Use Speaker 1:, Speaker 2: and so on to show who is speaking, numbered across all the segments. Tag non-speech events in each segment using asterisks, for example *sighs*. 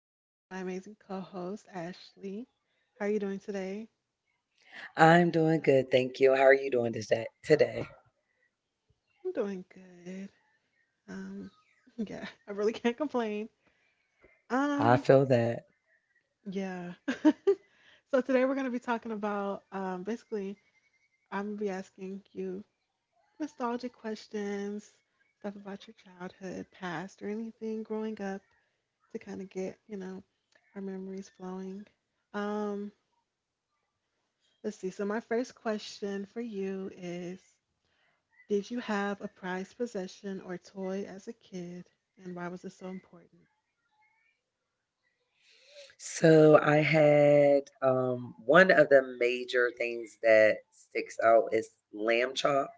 Speaker 1: I'm here with my amazing co host, Ashley. How are you doing today?
Speaker 2: I'm doing good, thank you. How are you doing this day, today?
Speaker 1: I'm doing good. Um, *laughs* yeah, I really can't complain.
Speaker 2: I
Speaker 1: Um,
Speaker 2: feel that.
Speaker 1: yeah. *laughs* So, today we're going to be talking about basically, I'm going to be asking you nostalgic questions, stuff about your childhood, past, or anything growing up to kind of get our memories flowing. Um, Let's see. So, my first question for you is, did you have a prized possession or toy as a kid, and why was it so important?
Speaker 2: So I had one of the major things that sticks out is Lamb Chop.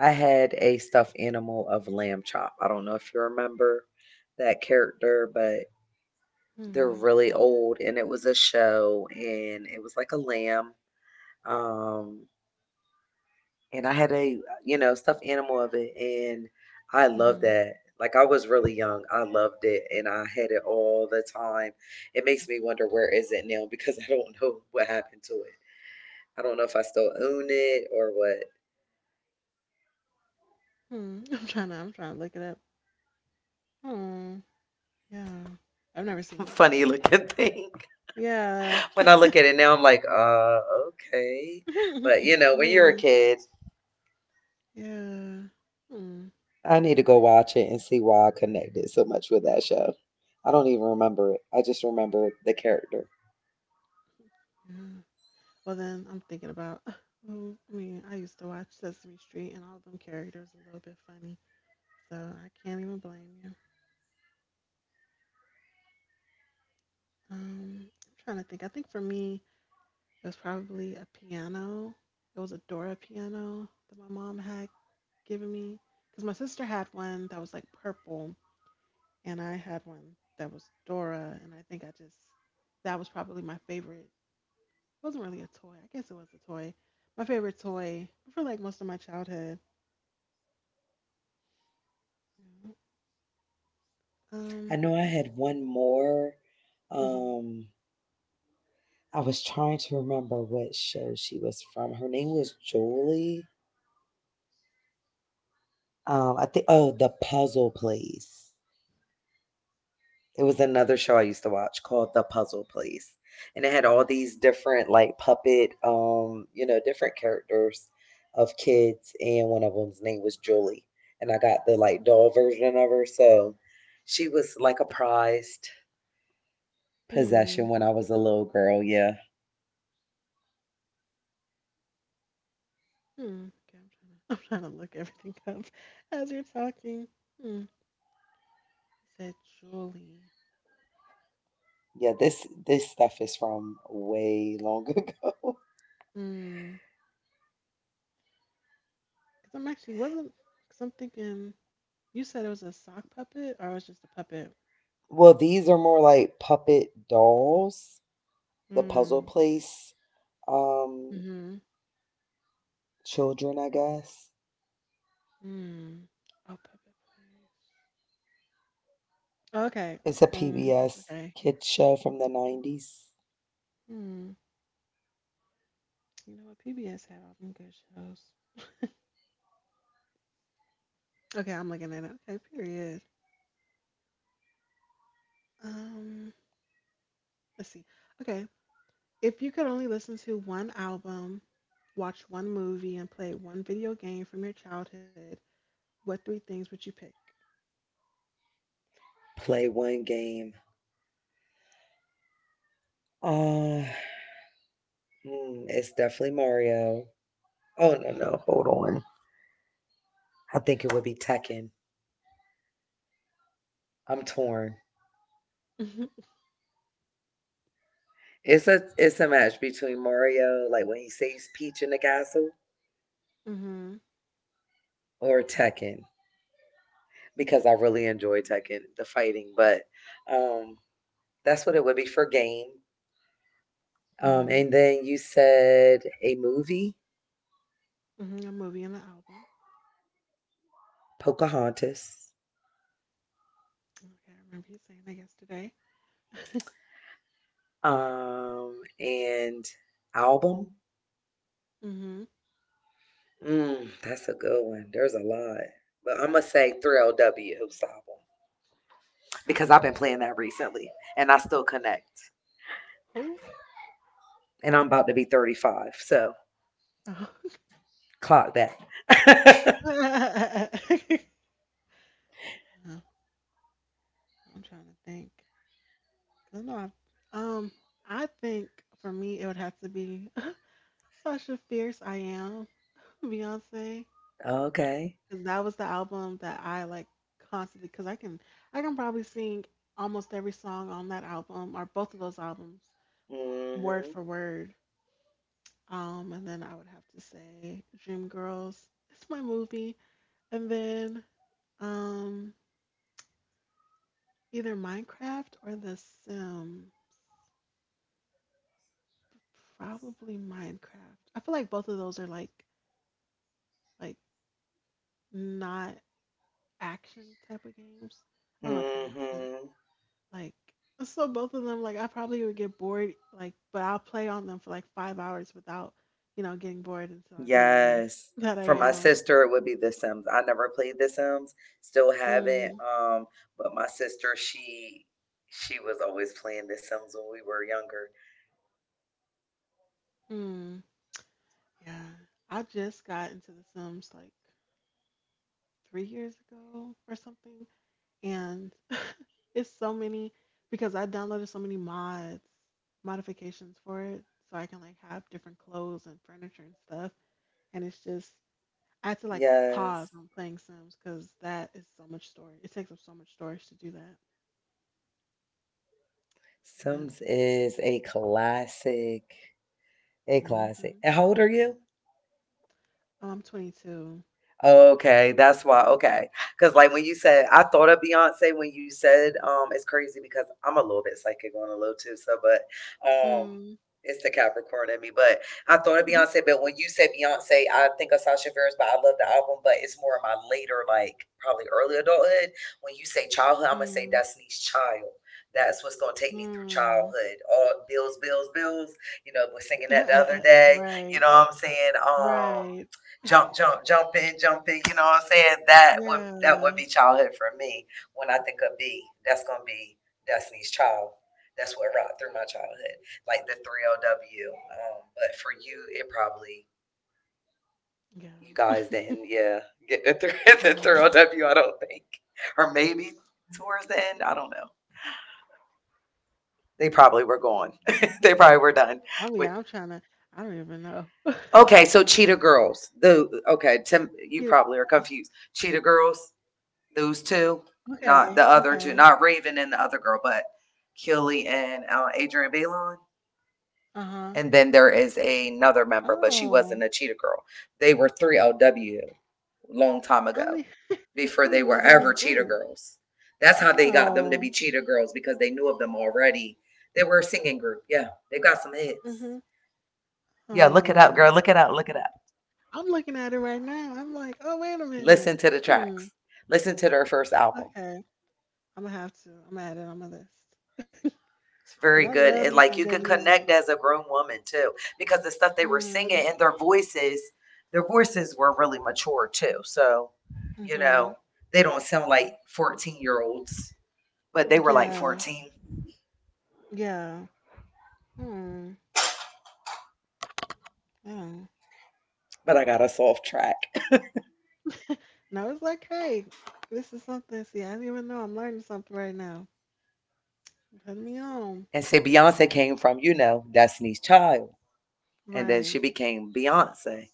Speaker 2: I had a stuffed animal of Lamb Chop. I don't know if you remember that character, but they're
Speaker 1: Hmm.
Speaker 2: really old, and it was a show, and it was like a lamb. Um, and I had a you know stuffed animal of it, and I loved
Speaker 1: Hmm.
Speaker 2: that. Like I was really young, I loved it, and I had it all the time. It makes me wonder where is it now because I don't know what happened to it. I don't know if I still own it or what.
Speaker 1: Hmm. *laughs* I'm trying to look it up. Oh. Yeah. I've never seen
Speaker 2: *laughs*
Speaker 1: this
Speaker 2: Funny
Speaker 1: before.
Speaker 2: looking thing. *laughs*
Speaker 1: Yeah.
Speaker 2: When I look at it now, I'm like, okay. But you
Speaker 1: *laughs*
Speaker 2: know, when you're a
Speaker 1: yeah.
Speaker 2: kid,
Speaker 1: Yeah. Hmm.
Speaker 2: I need to go watch it and see why I connected so much with that show. I don't even remember it. I just remember the character.
Speaker 1: Yeah. Well, then I'm thinking about. *sighs* I mean, I used to watch Sesame Street, and all of them characters a little bit funny, so I can't even blame you. I'm trying to think. I think for me, it was probably a piano. It was a Dora piano that my mom had given me because my sister had one that was like purple, and I had one that was Dora. And I think I just, that was probably my favorite. It wasn't really a toy. I guess it was a toy. My favorite toy for like most of my childhood. Yeah. Um.
Speaker 2: I know I had one more.
Speaker 1: Mhm.
Speaker 2: Um, I was trying to remember what show she was from. Her name was Jolie. I think
Speaker 1: Sure.
Speaker 2: oh, The Puzzle Place. It was another show I used to watch called The Puzzle Place. And it had all these different like puppet you know, different characters of kids and one of them's name was Julie. And I got the like doll version of her, so she was like a prized
Speaker 1: Hmm.
Speaker 2: possession when I was a little girl, yeah.
Speaker 1: Hmm. Okay, I'm trying to. *laughs* I'm trying to look everything up *laughs* as you're talking. Hmm. He said Julie.
Speaker 2: Yeah, this stuff is from way long *laughs* ago.
Speaker 1: Hmm. Because I'm actually wasn't. Because I'm thinking you said it was a sock puppet or it was just a puppet.
Speaker 2: Well, these are more like puppet dolls, the Puzzle
Speaker 1: Hmm.
Speaker 2: Place um
Speaker 1: Hmm.
Speaker 2: children, I guess.
Speaker 1: Hmm. Oh, puppet place. Okay.
Speaker 2: It's a
Speaker 1: Oh.
Speaker 2: PBS
Speaker 1: Okay.
Speaker 2: kids show from the 90s.
Speaker 1: Hmm. You know what? PBS had all them good shows. Okay, I'm looking at it. Okay. Period. Um. Let's see. Okay. If you could only listen to one album, watch one movie, and play one video game from your childhood, what three things would you pick?
Speaker 2: Play one game. Uh, it's definitely Mario. Oh no, no, hold on. I think it would be Tekken. I'm torn.
Speaker 1: *laughs*
Speaker 2: It's a match between Mario, like when he saves Peach in the castle,
Speaker 1: Mm-hmm.
Speaker 2: or Tekken, because I really enjoy Tekken, the fighting. But um, that's what it would be for game.
Speaker 1: Hmm.
Speaker 2: And then you said a movie,
Speaker 1: Hmm. A movie and an album.
Speaker 2: Pocahontas,
Speaker 1: Okay, I remember you saying that yesterday.
Speaker 2: and album.
Speaker 1: *laughs* hmm.
Speaker 2: That's a good one. There's a lot, but I'm gonna say Thrill W's album because I've been playing that recently, and I still connect.
Speaker 1: Who?
Speaker 2: And I'm about to be 35, so
Speaker 1: Oh. *laughs*
Speaker 2: clock that.
Speaker 1: Uh, I'm trying to think. 'Cause I know I've, um, I think for me it would have to be *laughs* Sasha Fierce. I am *laughs* Beyonce,
Speaker 2: *laughs* Okay.
Speaker 1: because that was the album that I like constantly. I can probably sing almost every song on that album or both of those albums,
Speaker 2: Mm.
Speaker 1: word
Speaker 2: Mhm.
Speaker 1: for word. And then I would have to say Dreamgirls. It's my movie. And then um, either Minecraft or The Sim. Probably Minecraft. I feel like both of those are like not action type of games. I
Speaker 2: Mm.
Speaker 1: don't know if that makes sense.
Speaker 2: Mhm.
Speaker 1: Like so both of them like I probably would get bored like but I'll play on them for like 5 hours without, you know, getting bored until I realize
Speaker 2: Yes.
Speaker 1: that I
Speaker 2: For my
Speaker 1: am.
Speaker 2: sister, it would be The Sims. I never played The Sims, still
Speaker 1: Mm,
Speaker 2: haven't. But my sister, she was always playing The Sims when we were younger.
Speaker 1: mm. Yeah. I just got into The Sims like 3 years ago or something and it's so many because I downloaded so many mods, modifications for it, so I can like have different clothes and furniture and stuff. And it's just, I had to like pause
Speaker 2: Yes.
Speaker 1: on playing Sims because that is so much storage. It takes up so much storage to do that. But
Speaker 2: Sims is a classic. A classic.
Speaker 1: hmm
Speaker 2: And how old are you?
Speaker 1: oh, I'm 22.
Speaker 2: Okay, that's why. Okay, because like when you said, I thought of Beyonce when you said, it's crazy because I'm a little bit psychic on a little too. So, but um,
Speaker 1: Mm.
Speaker 2: it's the Capricorn in me. But I thought of
Speaker 1: *laughs*
Speaker 2: Beyonce, but when you say Beyonce, I think of Sasha Fierce, but I love the album. But it's more of my later, like probably early adulthood. When you say childhood, I'm gonna say
Speaker 1: Mm.
Speaker 2: Destiny's Child. That's what's gonna take me through
Speaker 1: Mm.
Speaker 2: childhood. All bills, bills, bills. You know, was singing that the other
Speaker 1: *laughs*
Speaker 2: day. You
Speaker 1: right.
Speaker 2: know what I'm saying?
Speaker 1: Right.
Speaker 2: Jump, jump, jump in, jump in. You know what I'm saying? That would
Speaker 1: Yeah.
Speaker 2: that
Speaker 1: Yeah.
Speaker 2: would be childhood for me. When I think of B, that's gonna be Destiny's Child. That's what rocked through my childhood, like the 3LW. But for you, it probably
Speaker 1: Yeah.
Speaker 2: you
Speaker 1: *laughs*
Speaker 2: guys didn't, yeah, get the 3, *laughs* the 3LW, don't think, or maybe towards the end, I don't know. They probably were gone. *laughs* They probably were done
Speaker 1: Oh
Speaker 2: with.
Speaker 1: yeah, I'm trying to. I don't even know.
Speaker 2: Okay, so Cheetah Girls. The okay, Tim, you probably are
Speaker 1: *laughs*
Speaker 2: confused. Cheetah Girls. Those two, not
Speaker 1: Okay,
Speaker 2: the other two,
Speaker 1: okay.
Speaker 2: not Raven and the other girl, but Keely and Adrian Belon.
Speaker 1: Uh-huh.
Speaker 2: And then there is another member, but she
Speaker 1: Oh,
Speaker 2: wasn't a Cheetah Girl. They were 3LW long time
Speaker 1: I
Speaker 2: ago
Speaker 1: mean, *laughs* I
Speaker 2: before
Speaker 1: didn't
Speaker 2: they
Speaker 1: even know
Speaker 2: were
Speaker 1: they were in a
Speaker 2: ever Cheetah
Speaker 1: group.
Speaker 2: Girls. That's how they got them to
Speaker 1: Oh,
Speaker 2: be Cheetah Girls because they knew of them already. They were a singing group. Yeah, they got some hits.
Speaker 1: mhm.
Speaker 2: Yeah, look it up,
Speaker 1: Oh,
Speaker 2: girl. Look it up. Look it up.
Speaker 1: I'm looking at it right now. I'm like, oh, wait a
Speaker 2: Listen
Speaker 1: minute.
Speaker 2: to the
Speaker 1: Hmm.
Speaker 2: tracks. Listen to their first album.
Speaker 1: Okay, I'm gonna have to. I'm gonna add it on my list
Speaker 2: It's
Speaker 1: because I
Speaker 2: very
Speaker 1: love
Speaker 2: good.
Speaker 1: me
Speaker 2: And
Speaker 1: some
Speaker 2: like you
Speaker 1: good
Speaker 2: can
Speaker 1: music.
Speaker 2: connect as a grown woman too, because the stuff they were singing
Speaker 1: Mm,
Speaker 2: and their voices were really mature too. So, you
Speaker 1: mhm.
Speaker 2: know, they don't sound like 14-year-olds, but they were like
Speaker 1: Yeah,
Speaker 2: 14.
Speaker 1: yeah. Hmm. Yeah.
Speaker 2: But I got us off track.
Speaker 1: Now it's like, hey, this is something. See, I didn't even know. I'm learning something right now. Putting me on.
Speaker 2: And see, Beyonce came from, you know, Destiny's Child. And then she
Speaker 1: Right.
Speaker 2: became Beyonce.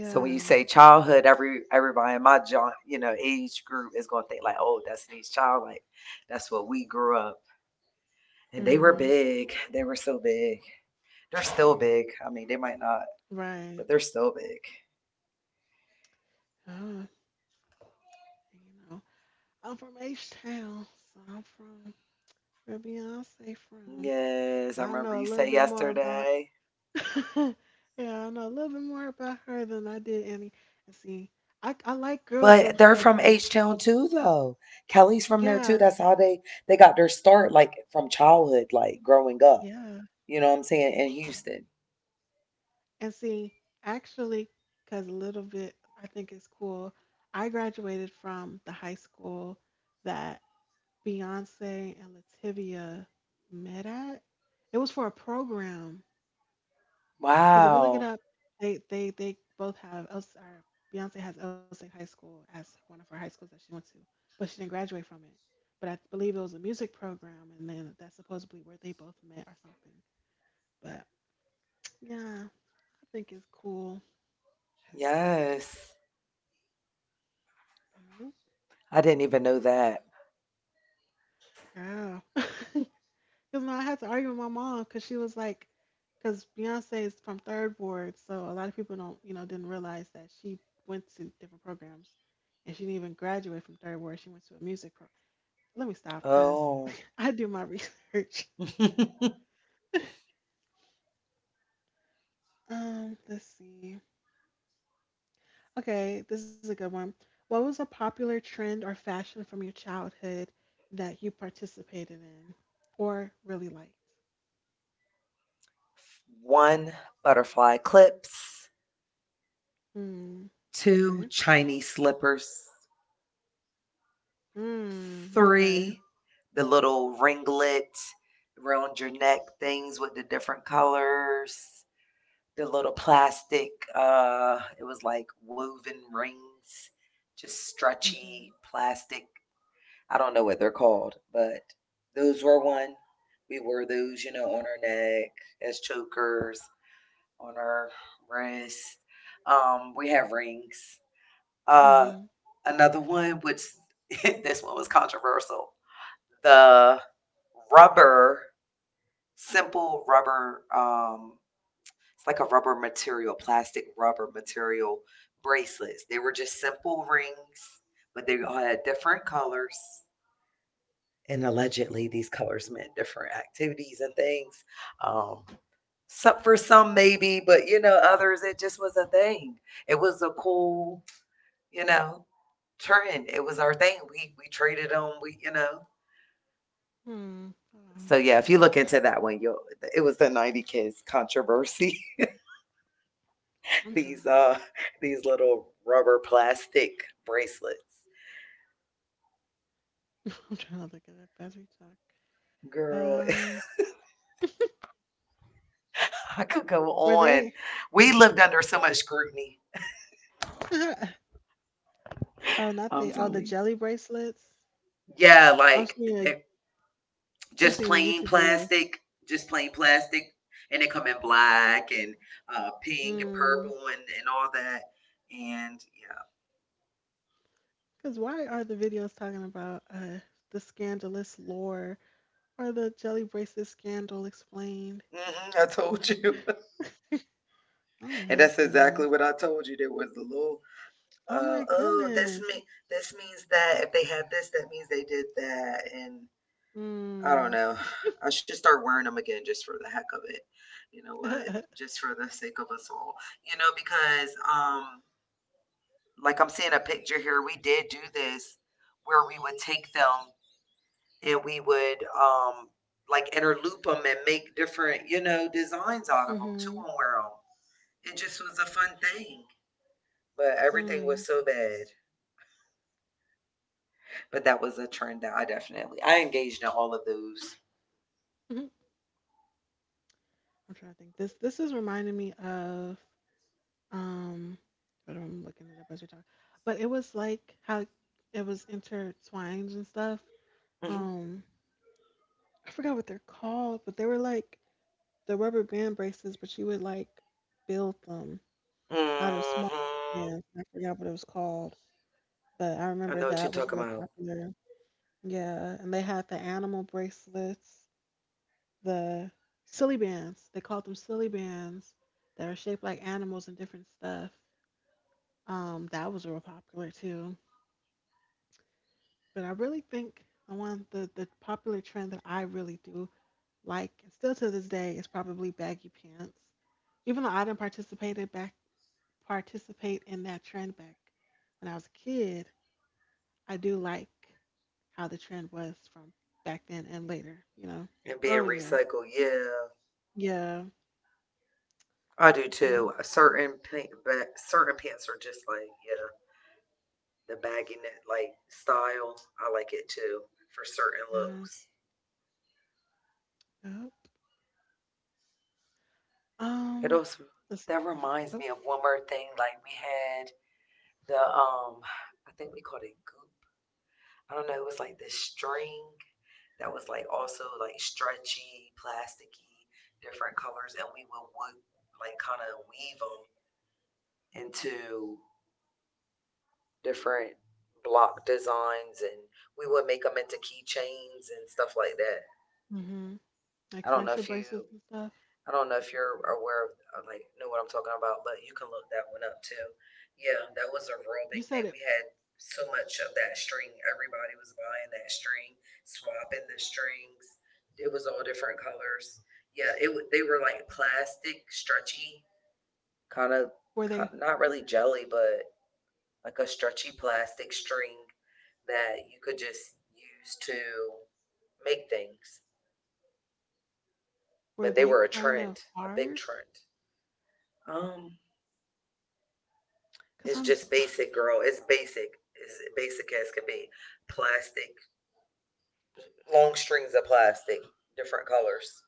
Speaker 2: So when you say childhood, everybody in my you know, age group is gonna think like, oh, Destiny's Child, like that's what we grew up. And they were
Speaker 1: Hmm.
Speaker 2: big. They were so big. They're still big. I mean, they might not,
Speaker 1: Right.
Speaker 2: but they're still big.
Speaker 1: Oh, you know, I'm from H Town, so I'm from where Beyonce from.
Speaker 2: Yes,
Speaker 1: So
Speaker 2: I
Speaker 1: I
Speaker 2: remember
Speaker 1: know a
Speaker 2: you
Speaker 1: little
Speaker 2: said
Speaker 1: bit more about.
Speaker 2: yesterday.
Speaker 1: *laughs* yeah, I know a little bit more about her than I did any. And see, I like girl
Speaker 2: But
Speaker 1: groups
Speaker 2: they're
Speaker 1: though,
Speaker 2: from
Speaker 1: cause
Speaker 2: H Town too, though. Kelly's from there too.
Speaker 1: yeah,
Speaker 2: That's how they got their start, like from childhood, like growing up.
Speaker 1: yeah.
Speaker 2: You know what I'm saying? In Houston.
Speaker 1: And see, actually, cause a little bit, I think it's cool. I graduated from the high school that Beyonce and Lativia met at. It was for a program. Because if you look it
Speaker 2: Wow.
Speaker 1: up, they both have Els or Beyonce has Elsig High School as one of her high schools that she went to, but she didn't graduate from it. But I believe it was a music program, and then that's supposedly where they both met or something. But yeah, I think it's cool.
Speaker 2: Yes.
Speaker 1: Mhm.
Speaker 2: I didn't even know that.
Speaker 1: Oh, *laughs* because no, I had to argue with my mom because she was like, because Beyonce is from Third Ward, so a lot of people don't, didn't realize that she went to different programs, and she didn't even graduate from Third Ward. She went to a music program. Let me stop because
Speaker 2: Oh.
Speaker 1: *laughs* I do my research.
Speaker 2: *laughs*
Speaker 1: *laughs* Let's see. Okay, this is a good one. What was a popular trend or fashion from your childhood that you participated in or really liked?
Speaker 2: One butterfly clips,
Speaker 1: Hmm.
Speaker 2: two
Speaker 1: Okay.
Speaker 2: Chinese slippers,
Speaker 1: Hmm. Okay.
Speaker 2: three, the little ringlet around your neck things with the different colors, the little plastic, it was like woven rings, just stretchy
Speaker 1: Mhm.
Speaker 2: plastic. I don't know what they're called, but those were one. We wore those, you know, on our neck as chokers, on our wrist. We have rings. Uh,
Speaker 1: Mhm.
Speaker 2: another one, which *laughs* this one was controversial, the rubber, simple rubber, it's like a rubber material, plastic rubber material bracelets. They were just simple rings, but they all had different colors. And allegedly, these colors meant different activities and things. Um, some, for some, maybe, but you know, others, it just was a thing. It was a cool, you know, trend. It was our thing. We traded them. We you know.
Speaker 1: Hmm. Hold
Speaker 2: So
Speaker 1: on.
Speaker 2: yeah, if you look into that one, you'll, it was the 90 kids controversy. *laughs*
Speaker 1: I'm
Speaker 2: these
Speaker 1: trying
Speaker 2: uh these little rubber plastic bracelets.
Speaker 1: to. *laughs* I'm trying to look it up as we talk.
Speaker 2: Girl,
Speaker 1: Um.
Speaker 2: *laughs* I could go
Speaker 1: Were
Speaker 2: on.
Speaker 1: they?
Speaker 2: We lived under so much scrutiny.
Speaker 1: *laughs* oh, not
Speaker 2: I'm
Speaker 1: they. Oh, the
Speaker 2: telling you.
Speaker 1: jelly bracelets.
Speaker 2: Yeah,
Speaker 1: I'm
Speaker 2: like
Speaker 1: seeing a.
Speaker 2: they're
Speaker 1: I'm
Speaker 2: just
Speaker 1: seeing a
Speaker 2: plain
Speaker 1: YouTube video.
Speaker 2: plastic, just plain plastic. And they come in black and pink and
Speaker 1: Mm,
Speaker 2: purple and all that. And
Speaker 1: because why are the videos talking about the scandalous lore or the jelly bracelet scandal explained? *laughs*
Speaker 2: yeah, I told you.
Speaker 1: Oh
Speaker 2: *laughs* And
Speaker 1: my
Speaker 2: that's exactly
Speaker 1: goodness.
Speaker 2: what I told you. There was a little
Speaker 1: Oh my
Speaker 2: Oh,
Speaker 1: goodness.
Speaker 2: this means that if they had this, that means they did that, and I don't
Speaker 1: Mm.
Speaker 2: know. I should start wearing them again just for the heck of it. You know what?
Speaker 1: *laughs*
Speaker 2: Just for the sake of us all. You know, because like I'm seeing a picture here, we did do this where we would take them and we would like interloop them and make different, you know, designs out of them too
Speaker 1: mm-hmm.
Speaker 2: and wear them. It just was a fun thing, but
Speaker 1: Mm.
Speaker 2: everything was
Speaker 1: Mhm.
Speaker 2: so bad. But that was a trend that I definitely I engaged in all of those.
Speaker 1: I'm trying to think. This is reminding me of um hold on, I'm looking it up as we talk. But it was like how it was intertwined and stuff.
Speaker 2: Hmm.
Speaker 1: Um, I forgot what they're called, but they were like the rubber band braces, but you would like build them out of small
Speaker 2: Hmm.
Speaker 1: bands. I forgot what it was called, but I
Speaker 2: I
Speaker 1: remember
Speaker 2: know what you're
Speaker 1: that was
Speaker 2: talking
Speaker 1: real
Speaker 2: about.
Speaker 1: popular. Yeah, and they had the animal bracelets, the silly bands. They called them silly bands that are shaped like animals and different stuff. That was real popular too. But I really think the one the popular trend that I really do like and still to this day is probably baggy pants even though I didn't participate in that trend back when I was a kid. I do like how the trend was from back then and later,
Speaker 2: And being
Speaker 1: earlier.
Speaker 2: recycled, yeah,
Speaker 1: Yeah.
Speaker 2: I do
Speaker 1: Yeah.
Speaker 2: too. Certain pant, certain pants are just like yeah, the baggy like style. I like it too for certain
Speaker 1: Yeah.
Speaker 2: looks.
Speaker 1: Yep.
Speaker 2: It
Speaker 1: Um,
Speaker 2: also
Speaker 1: let's see.
Speaker 2: that reminds
Speaker 1: Oh,
Speaker 2: me of one more thing. Like we had the I think we called it goop. I don't know. It was like this string that was like also like stretchy, plasticky, different colors, and we would like kind of weave them into different block designs, and we would make them into keychains and stuff like that.
Speaker 1: hmm. Like
Speaker 2: I don't know
Speaker 1: friendship
Speaker 2: if
Speaker 1: bracelets
Speaker 2: you
Speaker 1: and stuff.
Speaker 2: I don't know if you're aware of, like, know what I'm talking about, but you can look that one up too. Yeah, that was a real
Speaker 1: You
Speaker 2: big
Speaker 1: said
Speaker 2: thing.
Speaker 1: it.
Speaker 2: We had so much of that string. Everybody was buying that string, swapping the strings. It was all different colors. Yeah, they were like plastic, stretchy, kind of
Speaker 1: Were they
Speaker 2: not really jelly, but like a stretchy plastic string that you could just use to make things.
Speaker 1: were
Speaker 2: But they
Speaker 1: they
Speaker 2: were a
Speaker 1: kind of
Speaker 2: trend, a big
Speaker 1: hard?
Speaker 2: trend. Um,
Speaker 1: Cause
Speaker 2: It's
Speaker 1: I'm
Speaker 2: just basic, girl. It's basic. It's basic as could be. Plastic, long strings of plastic, different colors.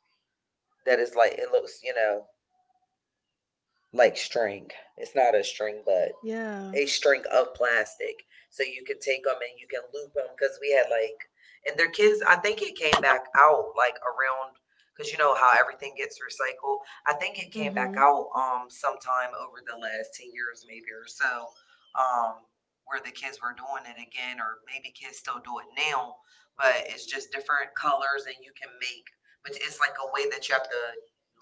Speaker 2: That is like, it looks, you know, like string. It's not a string, but
Speaker 1: yeah.
Speaker 2: a string of plastic. So you can take them and you can loop them because we had like, and their kids, I think it came back out like around, because you know how everything gets recycled. I think it came back
Speaker 1: Mm-hmm.
Speaker 2: out sometime over the last 10 years, maybe or so, um, where the kids were doing it again, or maybe kids still do it now, but it's just different colors and you can make, but it's like a way that you have to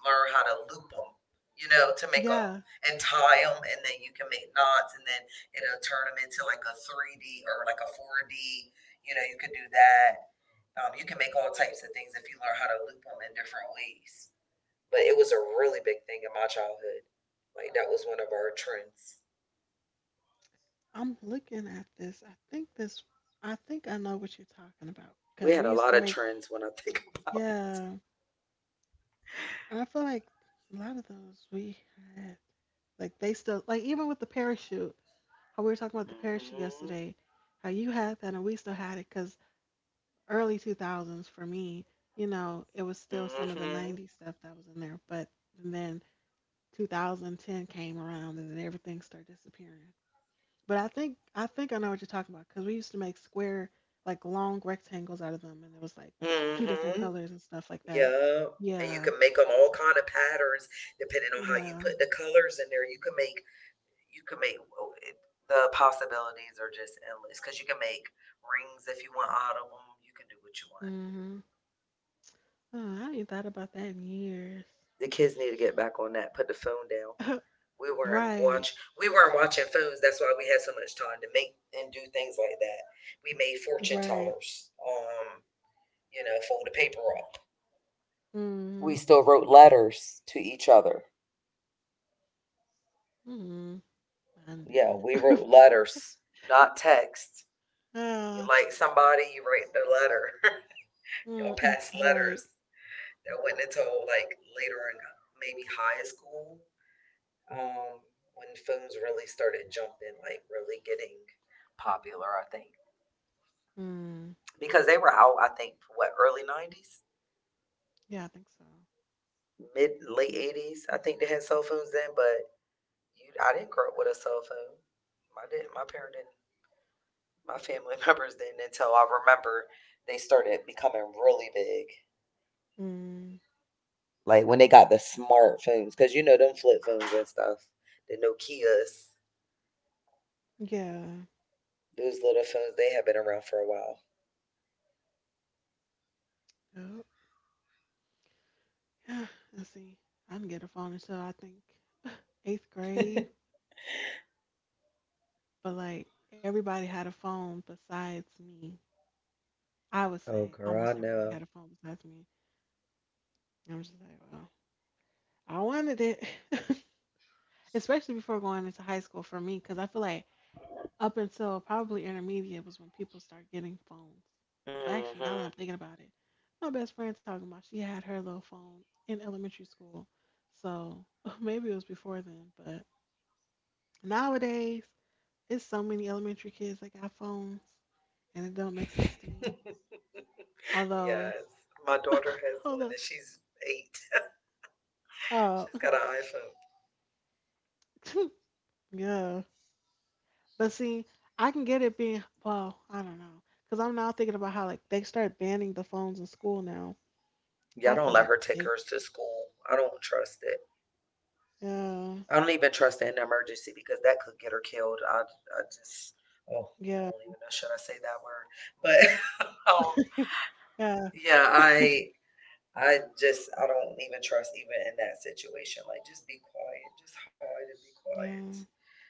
Speaker 2: learn how to loop them, to make them
Speaker 1: Yeah.
Speaker 2: and tie them, and then you can make knots, and then it'll turn them into like a 3D or like a 4D. You know, you could do that. You can make all types of things if you learn how to loop them in different ways. But it was a really big thing in my childhood. Like that was one of our trends.
Speaker 1: I'm looking at this. I think I know what you're talking about.
Speaker 2: We
Speaker 1: Cause
Speaker 2: had
Speaker 1: we
Speaker 2: a
Speaker 1: used to
Speaker 2: lot of
Speaker 1: make
Speaker 2: trends when I *laughs* think about it.
Speaker 1: yeah. I feel like a lot of those we had, like they still, like even with the parachute, how we were talking about the parachute
Speaker 2: Mm-hmm.
Speaker 1: yesterday, how you had that and we still had it, because early 2000s for me, you know, it was still some of the
Speaker 2: Mm-hmm.
Speaker 1: 90s stuff that was in there, but then 2010 came around and then everything started disappearing. But I think I know what you're talking about, because we used to make square, like long rectangles out of them, and it was like two different
Speaker 2: Mm-hmm.
Speaker 1: colors and stuff like that.
Speaker 2: Yeah, and you
Speaker 1: Yeah,
Speaker 2: can make them all kind of patterns depending on how you
Speaker 1: yeah.
Speaker 2: put the colors in there. You can make the possibilities are just endless because you can make rings if you want out of them. You can do what you want.
Speaker 1: Hmm. Oh, I ain't thought about that in years.
Speaker 2: The kids need to get back on that. Put the phone down.
Speaker 1: Right,
Speaker 2: We weren't watching phones. That's why we had so much time to make and do things like that. We made fortune
Speaker 1: right.
Speaker 2: tellers. Fold the paper up. We
Speaker 1: Mm,
Speaker 2: still wrote letters to each other.
Speaker 1: mm. I didn't do
Speaker 2: Yeah, we wrote
Speaker 1: that.
Speaker 2: letters, not text. You
Speaker 1: *laughs*
Speaker 2: like somebody, you write their letter. *laughs* Y'all
Speaker 1: Mm,
Speaker 2: pass
Speaker 1: *laughs*
Speaker 2: letters.
Speaker 1: right.
Speaker 2: That wasn't until like later in maybe high school, um, when phones really started jumping, like really getting popular, I think.
Speaker 1: Mm,
Speaker 2: Because they were out, I think, what, early 90s?
Speaker 1: yeah, I think so.
Speaker 2: Mid, late 80s? I think they had cell phones then, but I didn't grow up with a cell phone. My parent didn't, my family *laughs* members didn't until I remember they started becoming really big.
Speaker 1: Mm,
Speaker 2: Like when they got the smartphones, because you know them flip phones and stuff, the Nokias.
Speaker 1: yeah.
Speaker 2: Those little phones, they have been around for a while.
Speaker 1: Yep. Yeah. *sighs* Let's see. I didn't get a phone until I think eighth grade,
Speaker 2: *laughs*
Speaker 1: but like everybody had a phone besides me. I would
Speaker 2: Oh,
Speaker 1: say
Speaker 2: girl, I
Speaker 1: almost everybody
Speaker 2: know.
Speaker 1: had a phone besides me. And I'm just like, well, I wanted it, *laughs* especially before going into high school for me, because I feel like up until probably intermediate was when people started getting phones. But actually, now that
Speaker 2: Hmm.
Speaker 1: I'm thinking about it, my best friend talking about she had her little phone in elementary school. So *laughs* maybe it was before then. But nowadays, it's so many elementary kids that got phones, and it don't make sense to me. Although,
Speaker 2: Yes. My daughter
Speaker 1: *laughs*
Speaker 2: has
Speaker 1: hold
Speaker 2: one
Speaker 1: up,
Speaker 2: and she's 8.
Speaker 1: oh,
Speaker 2: She's got an iPhone.
Speaker 1: *laughs* yeah. But see, I can get it being well. I don't know, cause I'm now thinking about how like they start banning the phones in school now.
Speaker 2: Y'all
Speaker 1: I
Speaker 2: don't
Speaker 1: feel
Speaker 2: let
Speaker 1: like
Speaker 2: her take
Speaker 1: they
Speaker 2: hers to school. I don't trust it.
Speaker 1: Yeah.
Speaker 2: I don't even trust it in an emergency because that could get her killed. I just, oh, I
Speaker 1: Yeah.
Speaker 2: don't even know. Should I say that word? But *laughs* um,
Speaker 1: Yeah.
Speaker 2: yeah, I just, I don't even trust even in that situation. Like, just be quiet. Just hide and be quiet.
Speaker 1: Yeah.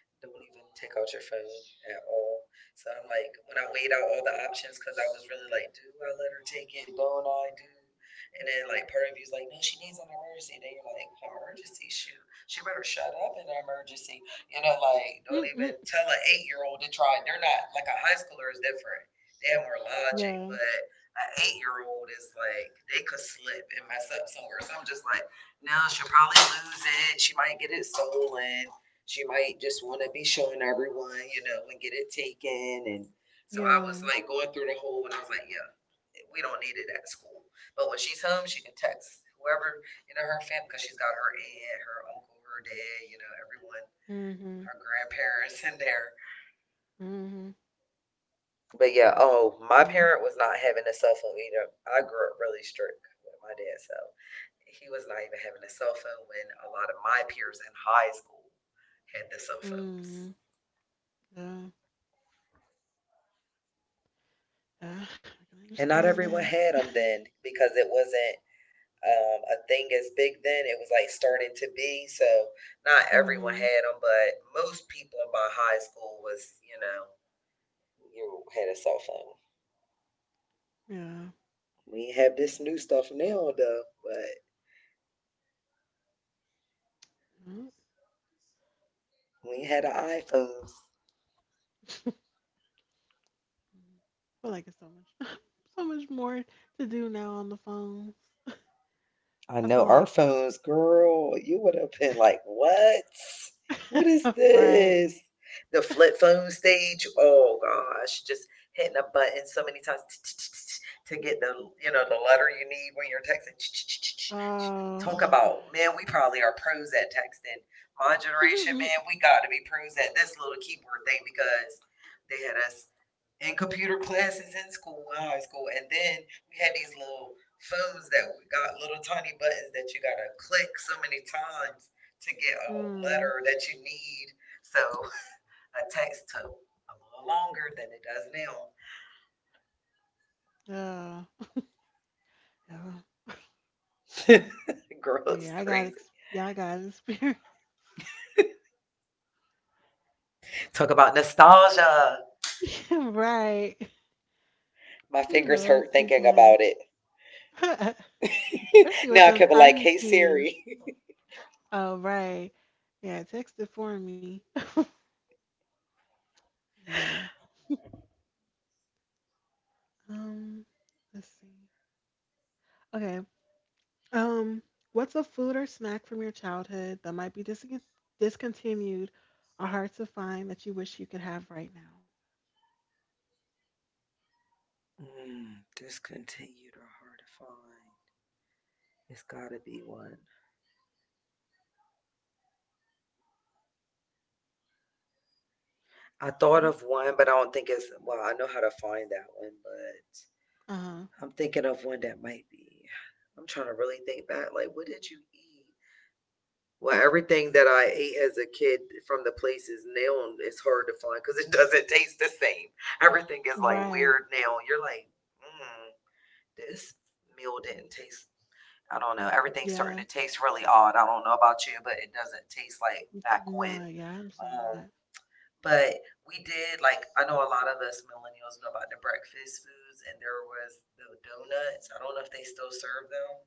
Speaker 2: Don't even take out your phone at all. So I'm like, when I weighed out all the options, because I was really like, do I let her take it? Don't I do? And then like part of you's like, no, she needs an emergency. Then you're like, an emergency? Shoot, she better shut up in an emergency. Like, don't
Speaker 1: Mm-mm.
Speaker 2: even tell an 8-year-old to try. They're not like a high schooler is different. They have more logic,
Speaker 1: Yeah.
Speaker 2: but an 8-year-old is like they could slip and mess up somewhere. So I'm just like, no, she'll probably lose it. She might get it stolen. She might just want to be showing everyone, and get it taken. And so I was
Speaker 1: Yeah.
Speaker 2: like going through the whole, and I was like, yeah, we don't need it at school. But when she's home, she can text whoever, her family, because she's got her aunt, her uncle, her dad, you know, everyone,
Speaker 1: Mhm.
Speaker 2: her grandparents in there.
Speaker 1: Mhm.
Speaker 2: But yeah, oh, my
Speaker 1: Yeah.
Speaker 2: parent was not having a cell phone either. I grew up really strict with my dad, so he was not even having a cell phone when a lot of my peers in high school had the cell phones.
Speaker 1: Mhm. Yeah. Yeah. I can
Speaker 2: And not
Speaker 1: understand
Speaker 2: everyone
Speaker 1: that.
Speaker 2: had
Speaker 1: *laughs*
Speaker 2: them then because it wasn't a thing as big then. It was like starting to be. So not everyone
Speaker 1: mhm.
Speaker 2: had them, but most people in my high school was, you know, you had a cell phone.
Speaker 1: Yeah.
Speaker 2: We have this new stuff now though, but
Speaker 1: Mhm.
Speaker 2: we had our iPhones.
Speaker 1: I feel like it's so much, *laughs* so much more to do now on the phones.
Speaker 2: I
Speaker 1: *laughs* I
Speaker 2: know
Speaker 1: feel
Speaker 2: our
Speaker 1: like,
Speaker 2: phones, girl, you would have been like, what? What is
Speaker 1: *laughs* right?
Speaker 2: this? The flip phone stage. Oh gosh, just hitting a button so many times *tsk* to get the letter you need when you're texting.
Speaker 1: Oh,
Speaker 2: *tsk*
Speaker 1: oh
Speaker 2: Talk
Speaker 1: my
Speaker 2: about,
Speaker 1: gosh.
Speaker 2: man, we probably are pros at texting. My
Speaker 1: *laughs*
Speaker 2: generation,
Speaker 1: Mm-mm.
Speaker 2: man, we got to be pros at this little keyboard thing because they had us in computer classes in school, in high school, and then we had these little phones that got little tiny buttons that you gotta click so many times to get a
Speaker 1: Mm,
Speaker 2: letter that you need. So a text took a little longer than it does now.
Speaker 1: yeah. Yeah.
Speaker 2: *laughs* Girl looks crazy.
Speaker 1: Yeah. I got experience.
Speaker 2: Talk about nostalgia.
Speaker 1: *laughs* right.
Speaker 2: My fingers
Speaker 1: Hello,
Speaker 2: hurt thinking
Speaker 1: keypads.
Speaker 2: about it.
Speaker 1: *laughs* Especially with
Speaker 2: Now I
Speaker 1: them
Speaker 2: kept be like,
Speaker 1: tiny
Speaker 2: hey
Speaker 1: keys.
Speaker 2: Siri. *laughs*
Speaker 1: Oh, right. Yeah, text it for me. Yeah. Um, let's see. Okay. Um, what's a food or snack from your childhood that might be discontinued or hard to find that you wish you could have right now?
Speaker 2: Discontinued or hard to find. It's gotta be one. I thought
Speaker 1: Mhm.
Speaker 2: of one, but I don't think it's well, I know how to find that one, but
Speaker 1: Uh-huh.
Speaker 2: I'm thinking of one that might be. I'm trying to really think back. Like, what did you eat? Well, everything that I ate as a kid from the places now it's hard to find because it *laughs* doesn't taste the same. Everything is like
Speaker 1: Right.
Speaker 2: weird now. You're like, mm, this meal didn't taste. I don't know. Everything's starting
Speaker 1: Yeah.
Speaker 2: to taste really odd. I don't know about you, but it doesn't taste like back when.
Speaker 1: No, yeah, I understand
Speaker 2: Um,
Speaker 1: that.
Speaker 2: but we did like, I know a lot of us millennials know about the breakfast foods, and there was the donuts. I don't know if they still serve them,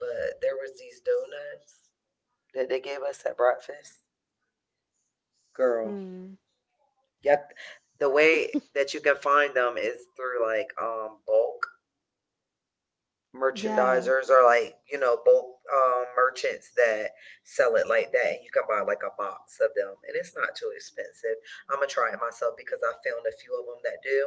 Speaker 2: but there was these donuts that they gave us at breakfast. Girl,
Speaker 1: Mm.
Speaker 2: yeah, the way
Speaker 1: *laughs*
Speaker 2: that you can find them is through like bulk
Speaker 1: Yeah.
Speaker 2: merchandisers or like bulk merchants that sell it like that and you can buy like a box of them and it's not too expensive. I'm gonna try it myself because I found a few of them that do.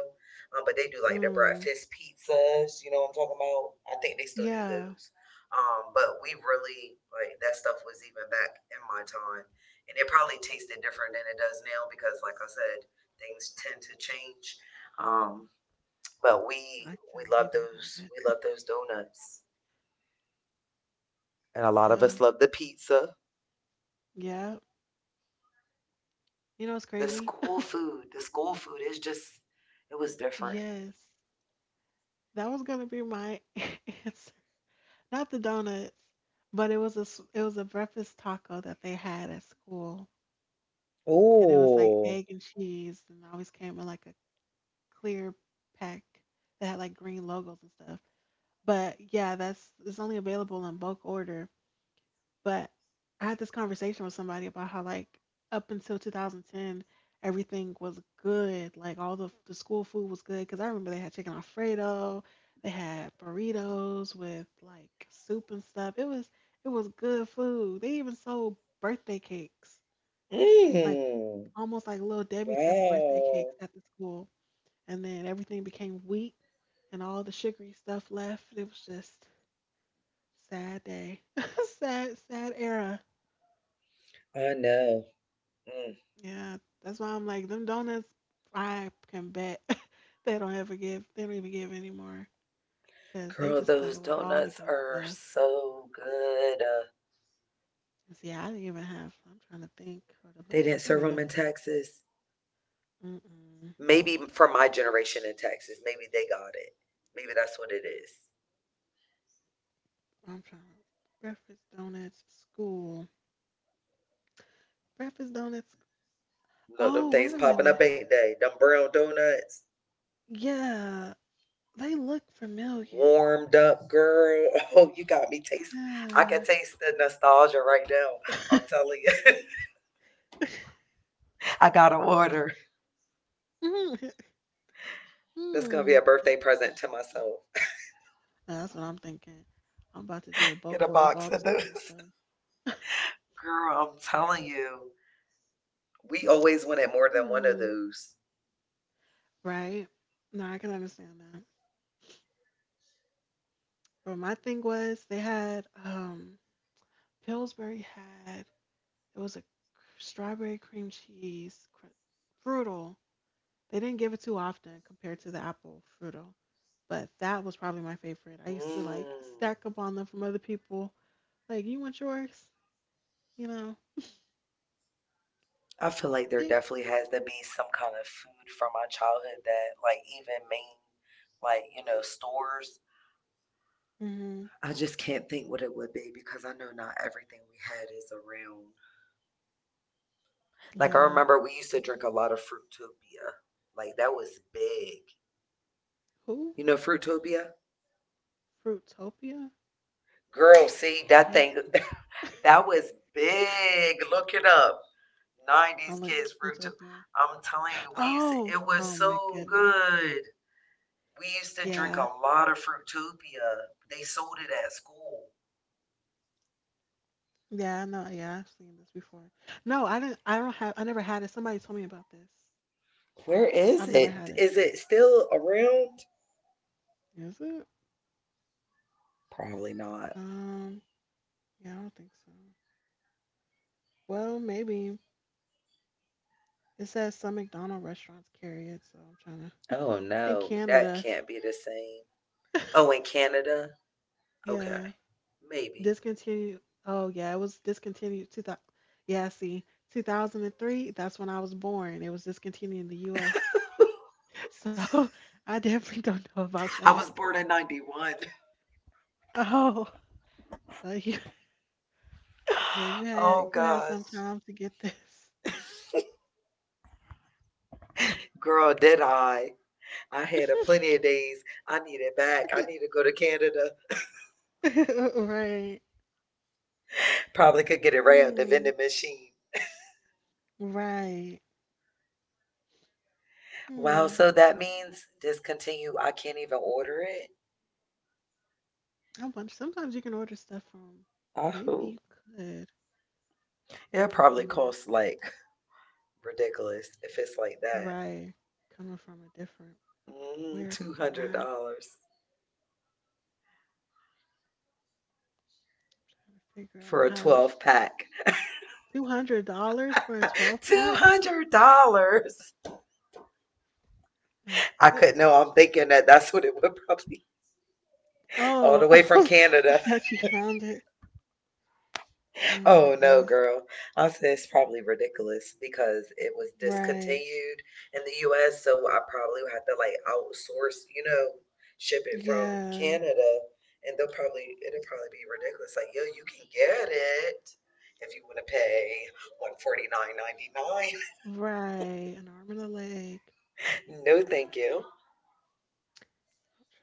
Speaker 2: But they do like the
Speaker 1: Mm.
Speaker 2: breakfast pizzas, you know what I'm talking about? I think they still do
Speaker 1: Yeah.
Speaker 2: those. But we really like that stuff was even back in my time, and it probably tasted different than it does now because like I said, things tend to change. um, but we
Speaker 1: I tell
Speaker 2: we
Speaker 1: you, they
Speaker 2: love
Speaker 1: don't
Speaker 2: those,
Speaker 1: have
Speaker 2: we
Speaker 1: it.
Speaker 2: love those donuts. And a lot of
Speaker 1: Oh.
Speaker 2: us love the pizza.
Speaker 1: Yeah. You know what's
Speaker 2: The
Speaker 1: crazy?
Speaker 2: school
Speaker 1: *laughs*
Speaker 2: food. The school food is just, it was different.
Speaker 1: Yes. That was gonna be my *laughs* answer. Not the donuts, but it was a it was a breakfast taco that they had at school, and it was like egg and cheese, and it always came in like a clear pack that had like green logos and stuff. But yeah, that's it's only available in bulk order. But I had this conversation with somebody about how like up until 2010 everything was good. Like all the school food was good cuz I remember they had chicken alfredo, they had burritos with like soup and stuff. It was good food. They even sold birthday cakes. Like
Speaker 2: Mm,
Speaker 1: almost like little Debbie type of birthday cakes
Speaker 2: wow.
Speaker 1: at the school. And then everything became wheat and all the sugary stuff left. It was just sad day. *laughs* Sad sad era.
Speaker 2: I know. Mm.
Speaker 1: Yeah, that's why I'm like them donuts. I can bet *laughs* they don't ever give. They don't even give anymore because they
Speaker 2: Girl,
Speaker 1: just took
Speaker 2: those
Speaker 1: away all the
Speaker 2: donuts
Speaker 1: good
Speaker 2: are
Speaker 1: stuff.
Speaker 2: so good.
Speaker 1: And see, I didn't even have. I'm trying to think. Hold on,
Speaker 2: They
Speaker 1: let me
Speaker 2: didn't
Speaker 1: let
Speaker 2: serve
Speaker 1: me
Speaker 2: them
Speaker 1: look
Speaker 2: in
Speaker 1: it up.
Speaker 2: Texas.
Speaker 1: Mm-mm.
Speaker 2: Maybe for my generation in Texas, maybe they got it. Maybe that's what it is.
Speaker 1: I'm trying to breakfast donuts school. Breakfast donuts.
Speaker 2: No, them
Speaker 1: Oh, wait
Speaker 2: things
Speaker 1: a
Speaker 2: popping
Speaker 1: minute.
Speaker 2: up, ain't they? Them brown donuts.
Speaker 1: Yeah, they look familiar.
Speaker 2: Warmed up, girl. *laughs* Oh, you got me taste. I can
Speaker 1: Yeah. *laughs*
Speaker 2: taste the nostalgia right now. I'm telling you. *laughs* I got to order.
Speaker 1: Mm,
Speaker 2: That's going to be
Speaker 1: hmm.
Speaker 2: a
Speaker 1: Hey,
Speaker 2: birthday present to myself.
Speaker 1: that's what I'm thinking. I'm about to do a bulk
Speaker 2: Get a
Speaker 1: order of all
Speaker 2: box
Speaker 1: the
Speaker 2: of
Speaker 1: school
Speaker 2: those.
Speaker 1: stuff.
Speaker 2: *laughs* Girl, I'm telling you. We always wanted more than one of
Speaker 1: Mm,
Speaker 2: those.
Speaker 1: right. No, I can understand that. But my thing was they had Pillsbury had it was a strawberry cream cheese frutal. They didn't give it too often compared to the apple frutal, but that was probably my favorite. I used to like
Speaker 2: Mm.
Speaker 1: stack up on them from other people. Like, you want yours? You know?
Speaker 2: I feel like there
Speaker 1: Yeah.
Speaker 2: definitely has to be some kind of food from my childhood that, like, even main, like, stores.
Speaker 1: Hmm.
Speaker 2: I just can't think what it would be because I know not everything we had is around. Like, I
Speaker 1: Yeah.
Speaker 2: remember we used to drink a lot of Fruitopia. Like that was big.
Speaker 1: Who?
Speaker 2: You know Fruitopia?
Speaker 1: Fruitopia?
Speaker 2: Girl, see that
Speaker 1: Fruit-
Speaker 2: thing *laughs*
Speaker 1: *laughs*
Speaker 2: that was big. Look it up. 90s
Speaker 1: I'm like
Speaker 2: kids Fruitopia.
Speaker 1: Fruitopia.
Speaker 2: I'm telling you, we used to,
Speaker 1: Oh,
Speaker 2: it was
Speaker 1: oh my
Speaker 2: so
Speaker 1: goodness.
Speaker 2: good. We used to drink a
Speaker 1: Yeah.
Speaker 2: lot of Fruitopia. They sold it at school.
Speaker 1: Yeah, I know. Yeah, I've seen this before. No, I didn't. I don't have. I never had it. Somebody told me about this.
Speaker 2: Where
Speaker 1: I've
Speaker 2: is
Speaker 1: never had it.
Speaker 2: it? Is it still around?
Speaker 1: Is it?
Speaker 2: Probably not.
Speaker 1: Um. Yeah, I don't think so. Well, maybe it says some McDonald restaurants carry it, so I'm trying to.
Speaker 2: Oh
Speaker 1: *laughs* In
Speaker 2: no, that
Speaker 1: Canada,
Speaker 2: can't be the same. Oh, in Canada? Okay.
Speaker 1: yeah,
Speaker 2: Maybe.
Speaker 1: discontinued. Oh, yeah, it was discontinued. 2000. Yeah, see, 2003. That's when I was born. It was discontinued in the U.S. *laughs* So I definitely don't know about
Speaker 2: I
Speaker 1: that.
Speaker 2: was born in 91.
Speaker 1: *laughs* Oh, yeah. Yeah, you
Speaker 2: *laughs*
Speaker 1: had
Speaker 2: Oh
Speaker 1: you had
Speaker 2: gosh.
Speaker 1: some time to get this.
Speaker 2: Girl, did I. I had a
Speaker 1: *laughs*
Speaker 2: plenty of days. I need it back. I
Speaker 1: Okay.
Speaker 2: need to go to Canada.
Speaker 1: *laughs* Right.
Speaker 2: Probably could get it right at the
Speaker 1: Hmm.
Speaker 2: vending machine.
Speaker 1: Right.
Speaker 2: Wow,
Speaker 1: Hmm.
Speaker 2: so that means discontinue. I can't even order it.
Speaker 1: I wonder. Sometimes you can order stuff from.
Speaker 2: I
Speaker 1: Maybe
Speaker 2: hope.
Speaker 1: you could.
Speaker 2: It
Speaker 1: I
Speaker 2: probably
Speaker 1: wonder.
Speaker 2: costs like ridiculous if it's like that.
Speaker 1: Right. Coming from a different. Where to buy? Trying
Speaker 2: $200
Speaker 1: to figure
Speaker 2: for
Speaker 1: out
Speaker 2: a
Speaker 1: how to.
Speaker 2: 12 pack.
Speaker 1: $200 for a 12
Speaker 2: *laughs*
Speaker 1: pack?
Speaker 2: $200.
Speaker 1: My
Speaker 2: I could not know.
Speaker 1: goodness.
Speaker 2: I'm thinking that that's what it would *laughs* probably all
Speaker 1: Oh,
Speaker 2: the
Speaker 1: *laughs*
Speaker 2: way from
Speaker 1: I
Speaker 2: Canada.
Speaker 1: thought you found it. Oh my
Speaker 2: Oh no,
Speaker 1: goodness.
Speaker 2: girl. I said it's probably ridiculous because it was
Speaker 1: Right.
Speaker 2: discontinued in the US, so I probably would have to like outsource, ship it from
Speaker 1: Yeah.
Speaker 2: Canada and they'll probably it'll probably be ridiculous. Like, yo, you can get it if you wanna pay 149.99.
Speaker 1: Right. An arm and a leg.
Speaker 2: *laughs* No thank you.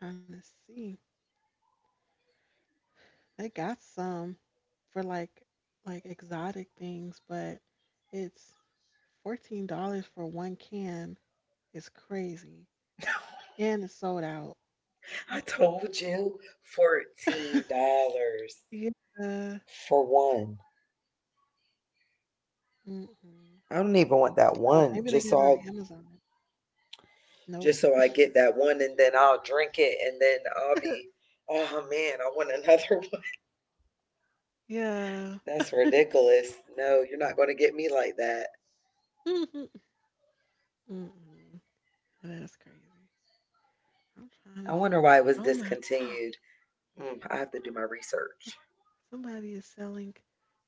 Speaker 1: Trying to see. They got some for like exotic things, but it's $14 for one can. It's crazy, and it's sold out.
Speaker 2: I told you fourteen
Speaker 1: *laughs*
Speaker 2: dollars
Speaker 1: Yeah.
Speaker 2: for one.
Speaker 1: Mm-mm.
Speaker 2: I don't even want
Speaker 1: Oh,
Speaker 2: that
Speaker 1: maybe they
Speaker 2: one,
Speaker 1: got it on Amazon. Nope.
Speaker 2: just so I get that one and then I'll drink it and then I'll
Speaker 1: *laughs*
Speaker 2: be, oh man, I want another one.
Speaker 1: Yeah.
Speaker 2: *laughs* That's ridiculous. No, you're not going to get me like that.
Speaker 1: *laughs* Mm-mm. That's crazy. I'm
Speaker 2: I
Speaker 1: trying to
Speaker 2: wonder why
Speaker 1: see.
Speaker 2: it was
Speaker 1: Oh my! *gasps*
Speaker 2: discontinued. I have to do my research.
Speaker 1: Somebody is selling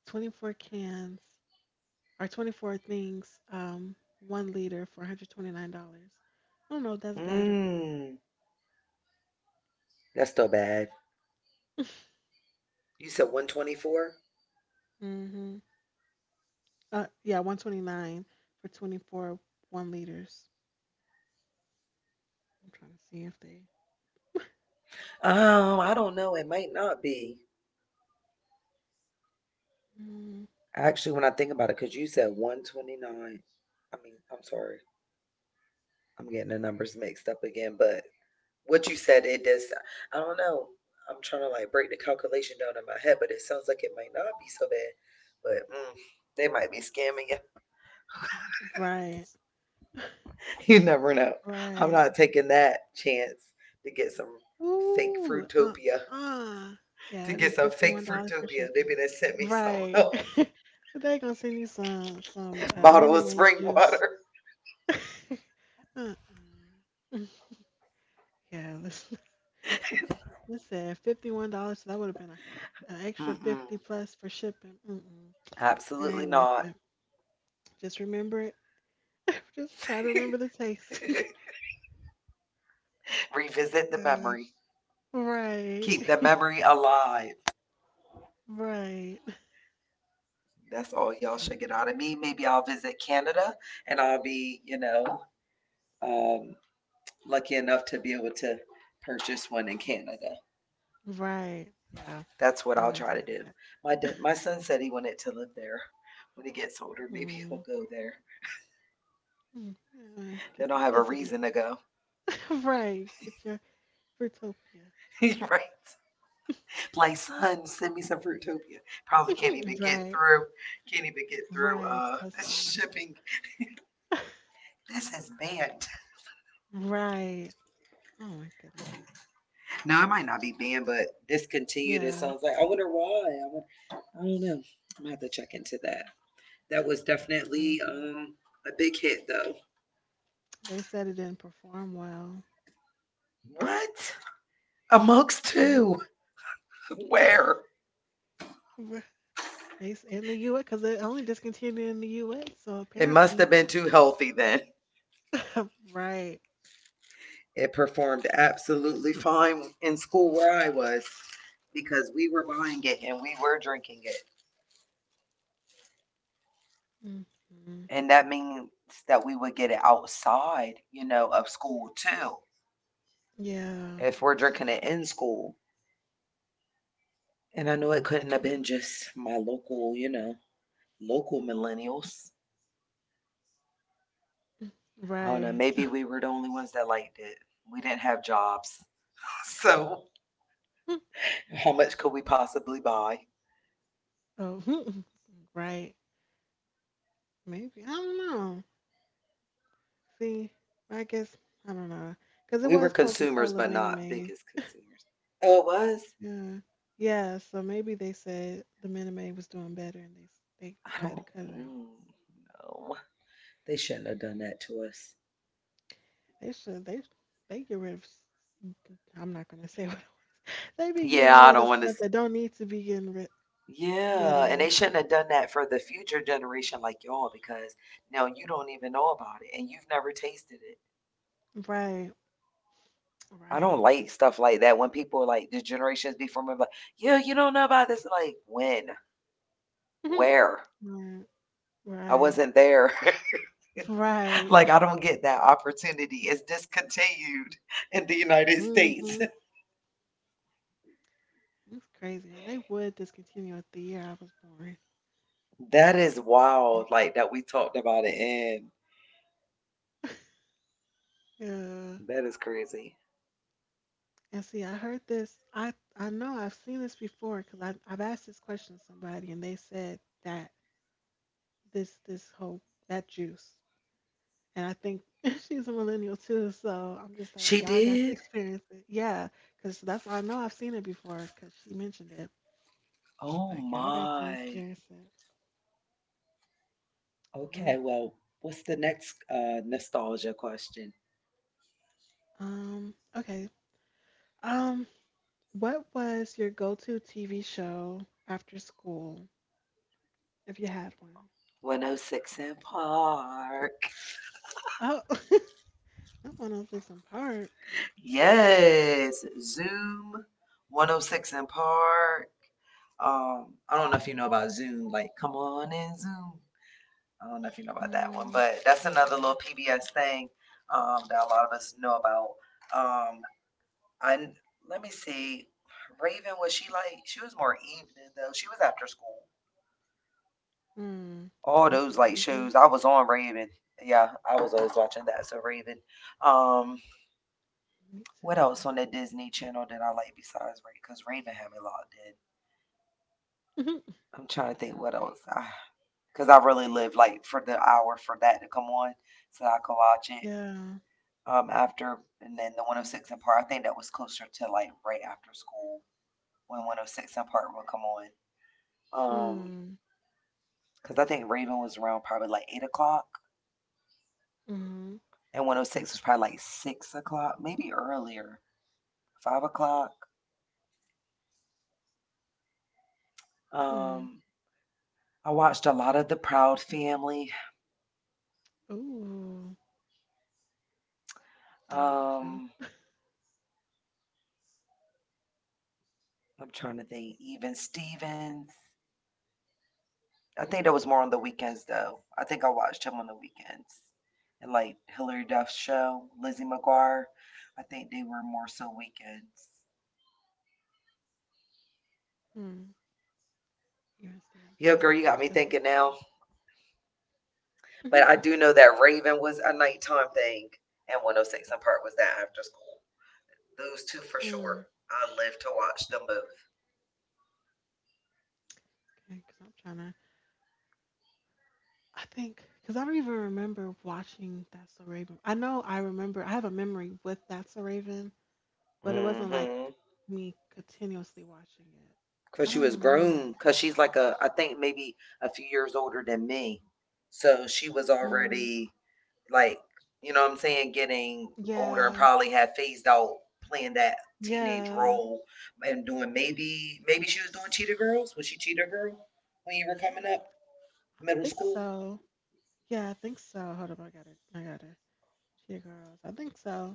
Speaker 1: 24 cans or 24 things, 1 liter for $129. I don't know if that's bad or good.
Speaker 2: Mm, that's still bad. You said 124?
Speaker 1: Mm-hmm. Yeah, 129 for 24 1 liters. I'm trying to see if they.
Speaker 2: I don't know. It might not be.
Speaker 1: Mm,
Speaker 2: Actually, when I think about it, because you said 129. I mean, I'm sorry. I'm getting the numbers mixed up again, but what you said, it does. I don't know. I'm trying to like break the calculation down in my head, but it sounds like it might not be so bad. But they might be scamming you. *laughs*
Speaker 1: right,
Speaker 2: You never know. I'm
Speaker 1: right.
Speaker 2: not taking that chance to get some fake
Speaker 1: Ooh,
Speaker 2: fruitopia.
Speaker 1: uh. Yeah,
Speaker 2: To
Speaker 1: it'd be
Speaker 2: get some fake
Speaker 1: $51 for
Speaker 2: fruitopia, they
Speaker 1: shipping.
Speaker 2: better sent me something
Speaker 1: Right.
Speaker 2: else.
Speaker 1: *laughs* They're gonna send you some
Speaker 2: *laughs* Bottle
Speaker 1: Minute
Speaker 2: of
Speaker 1: Maid
Speaker 2: spring
Speaker 1: juice.
Speaker 2: water.
Speaker 1: *laughs* Uh-uh. Yeah, let us this said $51. So that would have been a, an extra
Speaker 2: Mm-mm.
Speaker 1: 50 plus for shipping. Mm-mm, it
Speaker 2: Absolutely
Speaker 1: ain't worth
Speaker 2: not.
Speaker 1: it. Just remember it. *laughs* Just try to
Speaker 2: *laughs*
Speaker 1: remember the taste.
Speaker 2: Revisit
Speaker 1: *laughs*
Speaker 2: the
Speaker 1: uh,
Speaker 2: memory.
Speaker 1: right,
Speaker 2: Keep the
Speaker 1: *laughs*
Speaker 2: memory alive.
Speaker 1: right,
Speaker 2: That's all y'all should get out
Speaker 1: Mm-mm.
Speaker 2: of me. Maybe I'll visit Canada and I'll be, um, lucky enough to be able to purchase one in Canada.
Speaker 1: Right. Yeah,
Speaker 2: That's what
Speaker 1: we're
Speaker 2: I'll
Speaker 1: gonna
Speaker 2: try to
Speaker 1: say
Speaker 2: do.
Speaker 1: that.
Speaker 2: My son said he wanted to live there. When he gets older, maybe he'll
Speaker 1: Mm,
Speaker 2: go there.
Speaker 1: mm, yeah,
Speaker 2: Then
Speaker 1: get
Speaker 2: I'll
Speaker 1: to
Speaker 2: have a
Speaker 1: visit it.
Speaker 2: reason to go.
Speaker 1: *laughs* Right, get your Fruitopia.
Speaker 2: *laughs* Right? Like, son, send me some Fruitopia. Probably can't
Speaker 1: *laughs*
Speaker 2: even get
Speaker 1: Right,
Speaker 2: through. Can't even get through
Speaker 1: right.
Speaker 2: *laughs*
Speaker 1: Customs.
Speaker 2: shipping.
Speaker 1: *laughs*
Speaker 2: This is banned.
Speaker 1: Right. Oh my goodness.
Speaker 2: No, it might not be banned, but discontinued. It
Speaker 1: Yeah.
Speaker 2: sounds like. I wonder why. I don't know. I'm gonna have to check into that.
Speaker 1: I'm
Speaker 2: That was
Speaker 1: trying
Speaker 2: definitely
Speaker 1: to think.
Speaker 2: a big hit though.
Speaker 1: They said it didn't perform well.
Speaker 2: What? Amongst
Speaker 1: Yeah.
Speaker 2: two?
Speaker 1: *laughs*
Speaker 2: Where?
Speaker 1: Right. It's in the U.S. because it only discontinued in the U.S. So
Speaker 2: It must
Speaker 1: apparently,
Speaker 2: have been too healthy then.
Speaker 1: right.
Speaker 2: It performed absolutely fine in school where I was because we were buying it and we were drinking it.
Speaker 1: Hmm.
Speaker 2: And that means that we would get it outside, of school too,
Speaker 1: Yeah.
Speaker 2: if we're drinking it in school. And I know it couldn't have been just my local millennials. I don't know.
Speaker 1: Right.
Speaker 2: Maybe we were the only ones that liked it. We didn't have jobs. *laughs* So,
Speaker 1: *laughs*
Speaker 2: how much could we possibly buy?
Speaker 1: Oh, *laughs* right. Maybe. I don't know. See, I guess, I don't know. Because it
Speaker 2: We were
Speaker 1: was Coca
Speaker 2: consumers,
Speaker 1: Cola
Speaker 2: but
Speaker 1: Minute
Speaker 2: not
Speaker 1: Maid.
Speaker 2: biggest consumers. Oh, it was?
Speaker 1: Yeah. Yeah. So maybe they said the Minute Maid was doing better and they
Speaker 2: I
Speaker 1: decided
Speaker 2: don't
Speaker 1: to cut it out.
Speaker 2: mm, know. They shouldn't have done that to us.
Speaker 1: They should, they, they get rid of, I'm not going to say *laughs* what they be getting
Speaker 2: Yeah, I
Speaker 1: rid of
Speaker 2: don't want to.
Speaker 1: stuff that don't need to be getting rid, rid
Speaker 2: Yeah, and
Speaker 1: of.
Speaker 2: they shouldn't have done that for the future generation like y'all because now you don't even know about it and you've never tasted it.
Speaker 1: Right.
Speaker 2: I
Speaker 1: Right.
Speaker 2: don't like stuff like that when people like the generations before me, like, yeah, you don't know about this. Like, when?
Speaker 1: Mhm.
Speaker 2: Where?
Speaker 1: Right.
Speaker 2: I
Speaker 1: Right.
Speaker 2: wasn't there. *laughs*
Speaker 1: Right. *laughs*
Speaker 2: Like, I don't get that opportunity. It's discontinued in the United States.
Speaker 1: Hmm. It's crazy. And they would discontinue it the year I was born.
Speaker 2: *laughs* That is wild, like, that we talked about it, and
Speaker 1: Yeah.
Speaker 2: that is crazy.
Speaker 1: And see, I heard this. I know I've seen this before because I've asked this question to somebody and they said that this whole that juice. And I think *laughs* she's a millennial too, so I'm just like,
Speaker 2: She
Speaker 1: y'all got to
Speaker 2: did?
Speaker 1: experience it. Yeah, because that's I know I've seen it before because she mentioned it,
Speaker 2: Oh
Speaker 1: but y'all got to
Speaker 2: my.
Speaker 1: experience it. Mm.
Speaker 2: Okay, well, what's the next nostalgia question?
Speaker 1: Okay. Um, what was your go-to TV show after school if you had one?
Speaker 2: 106 in Park.
Speaker 1: Oh, *laughs* not 106 and Park.
Speaker 2: Yes, Zoom 106 in Park. I don't know if you know about Zoom. Like, come on in Zoom. I don't know if you know about that one,
Speaker 1: Mm,
Speaker 2: but that's another little
Speaker 1: mm-mm.
Speaker 2: PBS thing that a lot of us know about. Um, I let me see, Raven was, she, like, she was more evening though. She was after school.
Speaker 1: Mm.
Speaker 2: All
Speaker 1: That's a
Speaker 2: those like
Speaker 1: Raven.
Speaker 2: shows I was on Raven. Yeah, I was always watching that. So Raven. Um,
Speaker 1: Me
Speaker 2: what else on the Disney Channel did I like besides Raven? Because Raven had me logged in.
Speaker 1: too.
Speaker 2: I'm trying to think what else. Because I really lived like for the hour for that to come on so I could watch
Speaker 1: *laughs*
Speaker 2: it.
Speaker 1: Yeah.
Speaker 2: After, and then the 106 in part. I think that was closer to like right after school when 106 in part would come on. Um,
Speaker 1: Hmm.
Speaker 2: because I think Raven was around probably like 8 o'clock,
Speaker 1: Mm-hmm.
Speaker 2: and 106 was probably like 6 o'clock, maybe earlier, 5 o'clock.
Speaker 1: Hmm.
Speaker 2: Um, I watched a lot of The Proud Family.
Speaker 1: Ooh. I love that
Speaker 2: Um,
Speaker 1: show.
Speaker 2: I'm trying to think, even Stevens. I think that was more on the weekends though. I think I watched him on the weekends. And like Hillary Duff's show, Lizzie McGuire, I think they were more so weekends.
Speaker 1: Hmm. You and Steve, I'm trying to look
Speaker 2: Yeah,
Speaker 1: up
Speaker 2: girl,
Speaker 1: stuff
Speaker 2: you got
Speaker 1: as
Speaker 2: me
Speaker 1: he
Speaker 2: thinking
Speaker 1: talked.
Speaker 2: now. But
Speaker 1: Mhm.
Speaker 2: I do know that Raven was a nighttime thing and 106 and Park was that after school. Those two for
Speaker 1: Mm,
Speaker 2: sure. I live to watch them
Speaker 1: okay, because I'm trying to. I think because I don't even remember watching That's a Raven. I know I remember. I have a memory with That's a Raven,
Speaker 2: both.
Speaker 1: but it wasn't like
Speaker 2: Mm-hmm.
Speaker 1: me continuously watching it.
Speaker 2: Cause
Speaker 1: I
Speaker 2: she was
Speaker 1: don't remember.
Speaker 2: grown. Cause she's like a, I think maybe a few years older than me. So she was
Speaker 1: Mm,
Speaker 2: already like you know what I'm saying, getting older and
Speaker 1: yeah,
Speaker 2: probably had phased out playing that teenage
Speaker 1: yeah.
Speaker 2: role and doing maybe she was doing cheetah girls. Was she cheetah girl when you were coming up
Speaker 1: I
Speaker 2: middle
Speaker 1: think
Speaker 2: school?
Speaker 1: so. Yeah, I think so. Hold up, I got it. I got it. Cheetah Girls. I think so.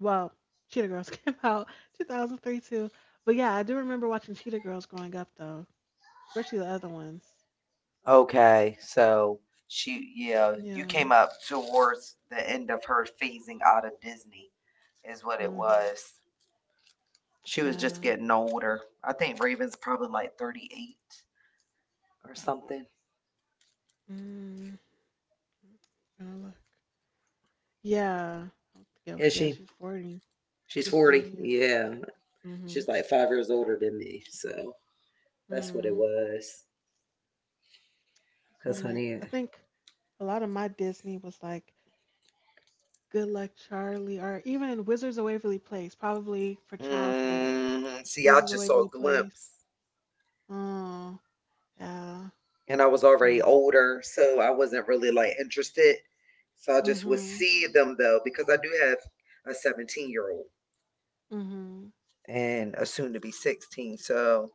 Speaker 1: Well, Cheetah Girls *laughs* came out 2003 too. But yeah, I do remember watching Cheetah Girls growing up though, especially the other ones.
Speaker 2: Okay, so she yeah, you
Speaker 1: Yeah.
Speaker 2: came up towards the end of her phasing out of Disney is what it
Speaker 1: Mhm.
Speaker 2: was. She was just
Speaker 1: Yeah.
Speaker 2: getting older. I think Raven's probably like 38 or something.
Speaker 1: Mm. Gonna look. Yeah. I don't think it was-
Speaker 2: Is
Speaker 1: Yeah,
Speaker 2: she?
Speaker 1: she's 40.
Speaker 2: She's
Speaker 1: She's
Speaker 2: 40.
Speaker 1: 40. Yeah.
Speaker 2: Yeah,
Speaker 1: Mhm.
Speaker 2: she's like 5 years older than me, so that's what it
Speaker 1: Mm.
Speaker 2: was.
Speaker 1: So
Speaker 2: Cause
Speaker 1: I'm like,
Speaker 2: honey,
Speaker 1: I think a lot of my Disney was like Good Luck Charlie or even Wizards of Waverly Place, probably for childhoodish.
Speaker 2: see, I
Speaker 1: Wizards of
Speaker 2: just saw a
Speaker 1: Waverly Place.
Speaker 2: glimpse,
Speaker 1: Oh, yeah.
Speaker 2: and I was
Speaker 1: I'm
Speaker 2: already
Speaker 1: like,
Speaker 2: older, so I wasn't really like interested. So I just would
Speaker 1: mm-hmm.
Speaker 2: see them though, because I do have a 17-year-old
Speaker 1: Mhm.
Speaker 2: and a soon to be 16. So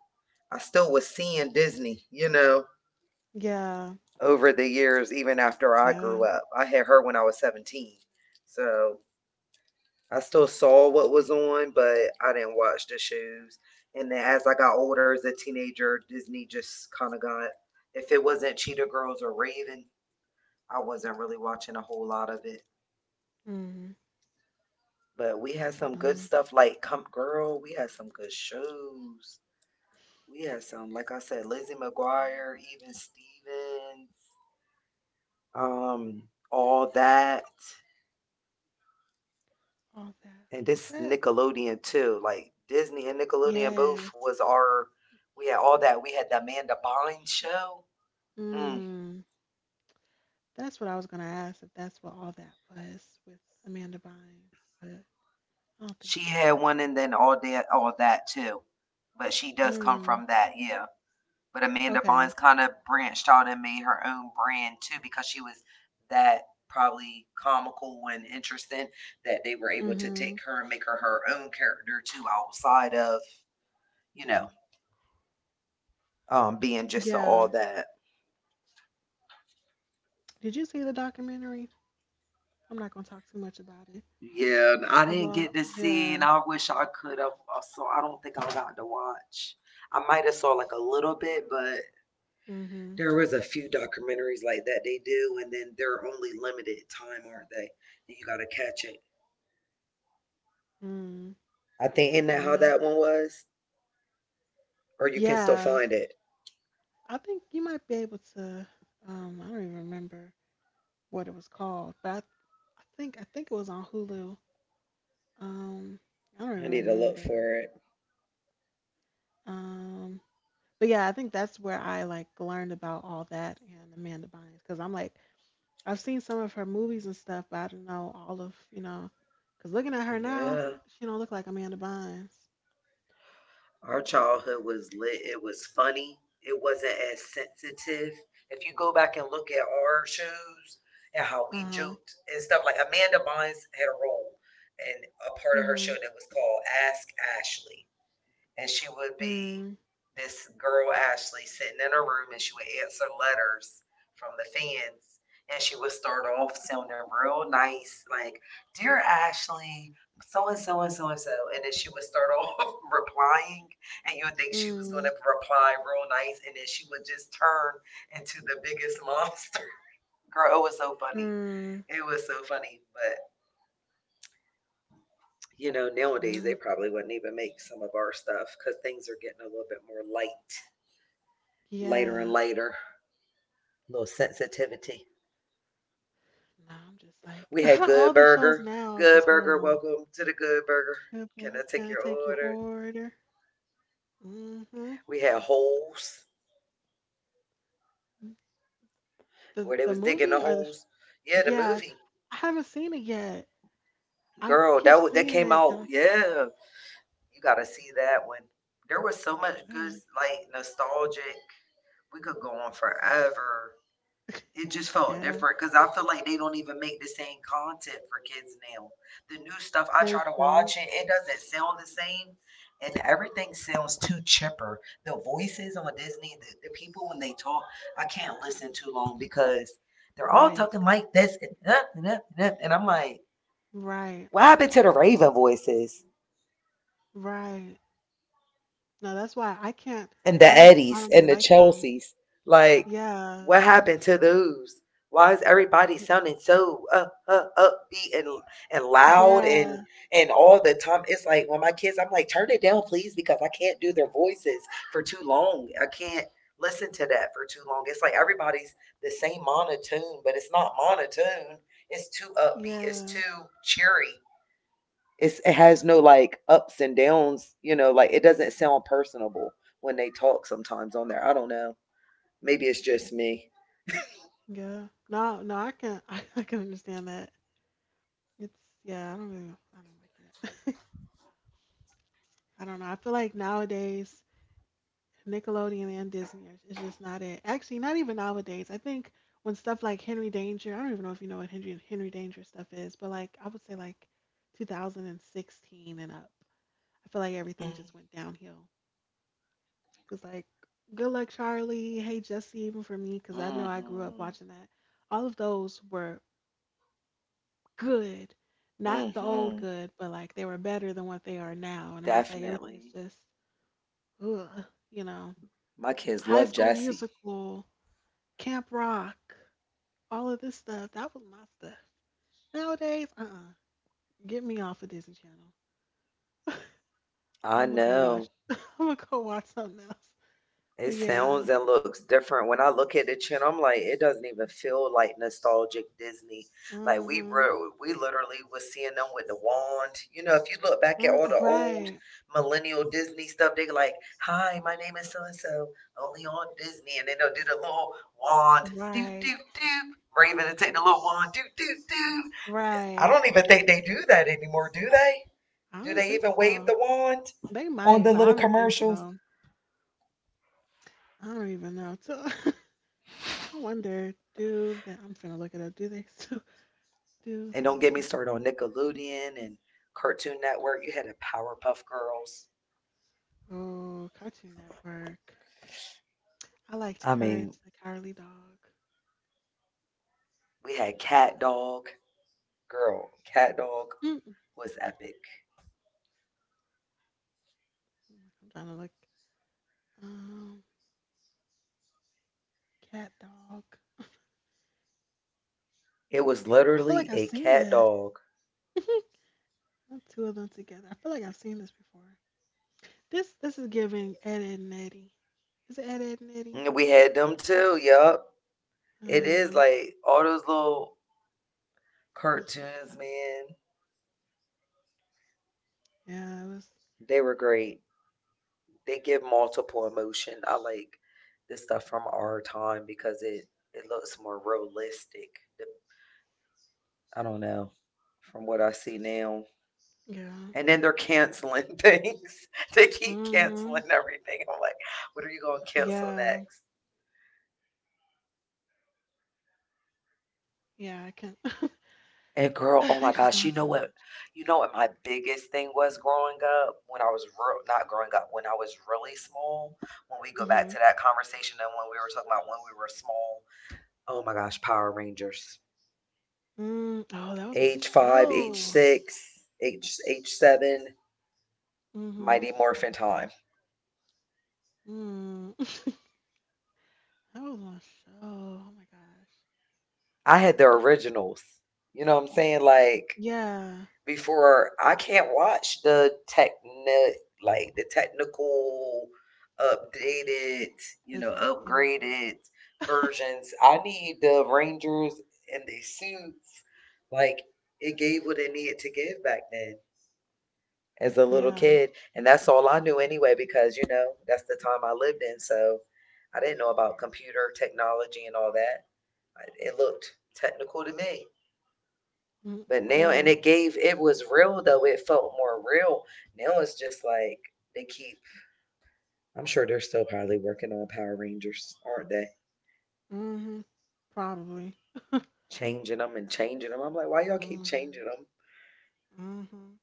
Speaker 2: I still was seeing Disney,
Speaker 1: Yeah.
Speaker 2: over the years, even after I grew
Speaker 1: Yeah.
Speaker 2: up. I had her when I was 17. So I still saw what was on, but I didn't watch the shows. And then as I got older as a teenager, Disney just kind of got, if it wasn't Cheetah Girls or Raven, I wasn't really watching a whole lot of it.
Speaker 1: Mhm.
Speaker 2: But we had some good
Speaker 1: Hmm.
Speaker 2: stuff like Come Girl, we had some good shows. We had some, like I said, Lizzie McGuire, even Stevens, um, all that.
Speaker 1: All that.
Speaker 2: And
Speaker 1: Was
Speaker 2: this
Speaker 1: that?
Speaker 2: Nickelodeon too, like Disney and Nickelodeon both
Speaker 1: Yes.
Speaker 2: was our. We had all that. We had the Amanda Bynes show. Mm,
Speaker 1: Mm. That's what I was gonna ask if that's what all that was with Amanda Bynes, but I don't think
Speaker 2: she
Speaker 1: so.
Speaker 2: had one, and then All That, All That too. But she does come
Speaker 1: Mm.
Speaker 2: from that, yeah. But Amanda
Speaker 1: Okay.
Speaker 2: Bynes kind of branched out and made her own brand too because she was that probably comical and interesting that they were able to take
Speaker 1: Mhm.
Speaker 2: her and make her her own character too outside of you know being just all
Speaker 1: Yeah.
Speaker 2: that.
Speaker 1: Did you see the documentary? I'm not gonna talk too much about it.
Speaker 2: Yeah, and I didn't get
Speaker 1: About
Speaker 2: to see, and
Speaker 1: yeah.
Speaker 2: I wish I could have. So I don't think I got to watch. I might have saw like a little bit, but
Speaker 1: Mhm.
Speaker 2: there was a few documentaries like that they do, and then they're only limited time, aren't they? And you gotta catch it.
Speaker 1: Mm.
Speaker 2: I think isn't that how
Speaker 1: Yeah.
Speaker 2: that one was? Or you can still
Speaker 1: Yeah.
Speaker 2: find it.
Speaker 1: I think you might be able to. I don't even remember what it was called, but I think I think it was on Hulu. Um, I don't
Speaker 2: I
Speaker 1: even
Speaker 2: need to look
Speaker 1: remember.
Speaker 2: for it.
Speaker 1: Um, but yeah, I think that's where I like learned about all that and Amanda Bynes because I'm like I've seen some of her movies and stuff, but I don't know all of you know because looking at her now,
Speaker 2: Yeah.
Speaker 1: she don't look like Amanda Bynes.
Speaker 2: Our childhood was lit. It was funny. It wasn't as sensitive. If you go back and look at our shows and how
Speaker 1: Uh
Speaker 2: we
Speaker 1: huh.
Speaker 2: joked and stuff, like Amanda Bynes had a role in a part of her show
Speaker 1: Mhm.
Speaker 2: that was called Ask Ashley, and she would be
Speaker 1: Mm.
Speaker 2: this girl Ashley sitting in her room and she would answer letters from the fans, and she would start off sounding real nice, like, "Dear Ashley, so and so and so and so," and then she would start off *laughs* replying, and you would think she was
Speaker 1: Mm.
Speaker 2: gonna reply real nice and then she would just turn into the biggest *laughs* monster. Girl, it was so funny.
Speaker 1: Mm.
Speaker 2: It was so funny. But nowadays they
Speaker 1: Yeah.
Speaker 2: probably wouldn't even make some of our stuff because things are getting a little bit more light later and
Speaker 1: Yeah.
Speaker 2: later. A little sensitivity.
Speaker 1: No, I'm just like
Speaker 2: We
Speaker 1: *laughs*
Speaker 2: had Good
Speaker 1: all the shows
Speaker 2: Burger.
Speaker 1: now are
Speaker 2: Good
Speaker 1: just
Speaker 2: Burger,
Speaker 1: horrible.
Speaker 2: welcome to the Good Burger.
Speaker 1: Good
Speaker 2: Can
Speaker 1: burger.
Speaker 2: I take
Speaker 1: Can I
Speaker 2: your
Speaker 1: take your
Speaker 2: order?
Speaker 1: order? Mm-hmm.
Speaker 2: We had Holes, where they
Speaker 1: The
Speaker 2: was digging the
Speaker 1: movie or the
Speaker 2: holes. Yeah, the
Speaker 1: yeah,
Speaker 2: movie.
Speaker 1: I haven't seen it yet. I keep
Speaker 2: Girl, that
Speaker 1: seeing
Speaker 2: that
Speaker 1: it.
Speaker 2: came
Speaker 1: And
Speaker 2: out. Yeah. You gotta see that one. There was so much good
Speaker 1: I
Speaker 2: like nostalgic. We could go on forever. It just felt
Speaker 1: yeah,
Speaker 2: different because I feel like they don't even make the same content for kids now. The new stuff, I
Speaker 1: they
Speaker 2: try to
Speaker 1: don't.
Speaker 2: watch it, it doesn't sound the same, and everything sounds too chipper. The voices on Disney, the people when they talk, I can't listen too long because they're all
Speaker 1: Right,
Speaker 2: talking like this and, that and, that and, that, and I'm like,
Speaker 1: right,
Speaker 2: what happened to the Raven voices?
Speaker 1: right. No, that's why I can't.
Speaker 2: And the
Speaker 1: I don't. I
Speaker 2: Eddies
Speaker 1: don't really
Speaker 2: and the
Speaker 1: like them.
Speaker 2: Chelseas. Like,
Speaker 1: Yeah,
Speaker 2: what happened to those? Why is
Speaker 1: y-
Speaker 2: everybody sounding so upbeat and loud and
Speaker 1: yeah,
Speaker 2: and all the time? It's like when my kids, I'm like, turn it down, please, because I can't do their voices for too long. I can't listen to that for too long. It's like everybody's the same monotone, but it's not monotone. It's too upbeat. It's
Speaker 1: yeah,
Speaker 2: too cheery. It has no, like, ups and downs, like, it doesn't sound personable when they talk sometimes on there. I don't know. Maybe it's just me.
Speaker 1: yeah. No, no, I can. *laughs* I can understand that. It's yeah. I don't really. I don't like it. *laughs* I don't know. I feel like nowadays. Nickelodeon and Disney is just not it. Actually, not even nowadays. I think when stuff like Henry Danger, I don't even know if you know what Henry Danger stuff is, but like I would say like 2016 and up. I feel like everything
Speaker 2: Mm.
Speaker 1: just went downhill. Cause like Good Luck Charlie, Hey Jesse, even for me, cause I know I grew up
Speaker 2: Mhm.
Speaker 1: watching that. All of those were good, not the old
Speaker 2: Mhm.
Speaker 1: good, but like they were better than what they are now. And I'm just like everything is
Speaker 2: Definitely.
Speaker 1: just, ugh, you know.
Speaker 2: My kids
Speaker 1: High
Speaker 2: love
Speaker 1: School
Speaker 2: Jesse.
Speaker 1: Musical. Camp Rock, all of this stuff. That was my stuff. Nowadays, get me off of Disney Channel.
Speaker 2: I
Speaker 1: I'm gonna go watch.
Speaker 2: know.
Speaker 1: *laughs* I'm gonna go watch something else.
Speaker 2: It
Speaker 1: But yeah.
Speaker 2: sounds and looks different. When I look at the channel, I'm like, it doesn't even feel like nostalgic Disney. Like we
Speaker 1: Mm-hmm.
Speaker 2: were, we literally was seeing them with the wand. You know, if you look back at
Speaker 1: Mm,
Speaker 2: all the old
Speaker 1: right.
Speaker 2: millennial Disney stuff, they like, "Hi, my name is so and so, only on Disney," and then they'll do the little wand, doop
Speaker 1: Right.
Speaker 2: doop doop. Raven and take the little wand, doop doop doop. I
Speaker 1: Right.
Speaker 2: don't even think they do that anymore, do they?
Speaker 1: I
Speaker 2: Do
Speaker 1: don't
Speaker 2: they
Speaker 1: think
Speaker 2: even wave
Speaker 1: so.
Speaker 2: the wand
Speaker 1: They
Speaker 2: on
Speaker 1: might,
Speaker 2: the
Speaker 1: but
Speaker 2: little
Speaker 1: I don't think
Speaker 2: commercials?
Speaker 1: so. I don't even know. So *laughs* I wonder, do the I'm finna look it up. Do they still *laughs* do
Speaker 2: And don't get me
Speaker 1: the
Speaker 2: started on Nickelodeon and Cartoon Network. You had the Powerpuff Girls.
Speaker 1: oh Cartoon Network? I liked
Speaker 2: I mean,
Speaker 1: Courage the Cowardly Dog.
Speaker 2: we had Cat Dog. Girl, Cat Dog
Speaker 1: Mm-mm.
Speaker 2: was epic.
Speaker 1: I'm trying to look. Um, cat, dog.
Speaker 2: It was
Speaker 1: I feel like
Speaker 2: literally
Speaker 1: I've
Speaker 2: a
Speaker 1: seen
Speaker 2: cat
Speaker 1: this.
Speaker 2: dog.
Speaker 1: *laughs* Not two of them together. I feel like I've seen this before. This is giving Ed, Ed and Eddie. Is it Ed, Ed and Eddie?
Speaker 2: And we had them too. Yup. It is
Speaker 1: Um,
Speaker 2: like all those little cartoons, man.
Speaker 1: yeah, it was.
Speaker 2: They were great. They give multiple emotion. I like this stuff from our time because it looks more realistic. I don't know from what I see now.
Speaker 1: Yeah.
Speaker 2: And then they're canceling things. *laughs* They keep
Speaker 1: Mm-hmm.
Speaker 2: canceling everything. I'm like, what are you going to cancel
Speaker 1: Yeah.
Speaker 2: next?
Speaker 1: Yeah, I can't.
Speaker 2: And girl,
Speaker 1: *laughs*
Speaker 2: oh my
Speaker 1: They just
Speaker 2: gosh, you
Speaker 1: doing
Speaker 2: know
Speaker 1: too
Speaker 2: what?
Speaker 1: much.
Speaker 2: You know what my biggest thing was growing up when I was real, not growing up, when I was really small. When we go back
Speaker 1: Mm-hmm.
Speaker 2: to that conversation and when we were talking about when we were small. Oh my gosh, Power Rangers.
Speaker 1: Mm, oh, that was my
Speaker 2: Age five, age
Speaker 1: show.
Speaker 2: six, age seven,
Speaker 1: Mm-hmm.
Speaker 2: Mighty Morphin Time.
Speaker 1: Mm. *laughs* That was my show. Oh my gosh.
Speaker 2: I had the originals. You know what I'm saying? Like
Speaker 1: Yeah.
Speaker 2: before I can't watch the technic like the technical updated, you know,
Speaker 1: Listen, I can't either.
Speaker 2: upgraded versions. I need the Rangers and the suits. Like it gave what it needed to give back then as a
Speaker 1: *laughs*
Speaker 2: little
Speaker 1: Yeah.
Speaker 2: kid. And that's all I knew anyway, because you know, that's the time I lived in. So I didn't know about computer technology and all that. I- It looked technical to me.
Speaker 1: Mm,
Speaker 2: But now, and
Speaker 1: yeah.
Speaker 2: it gave, it was real though. It felt more real. Now it's just like they keep, I'm sure they're still probably working on Power Rangers, aren't they?
Speaker 1: Mm-hmm. Probably.
Speaker 2: Changing them and changing them. I'm like, why y'all keep changing
Speaker 1: Mm-hmm.
Speaker 2: them?
Speaker 1: Mm-hmm.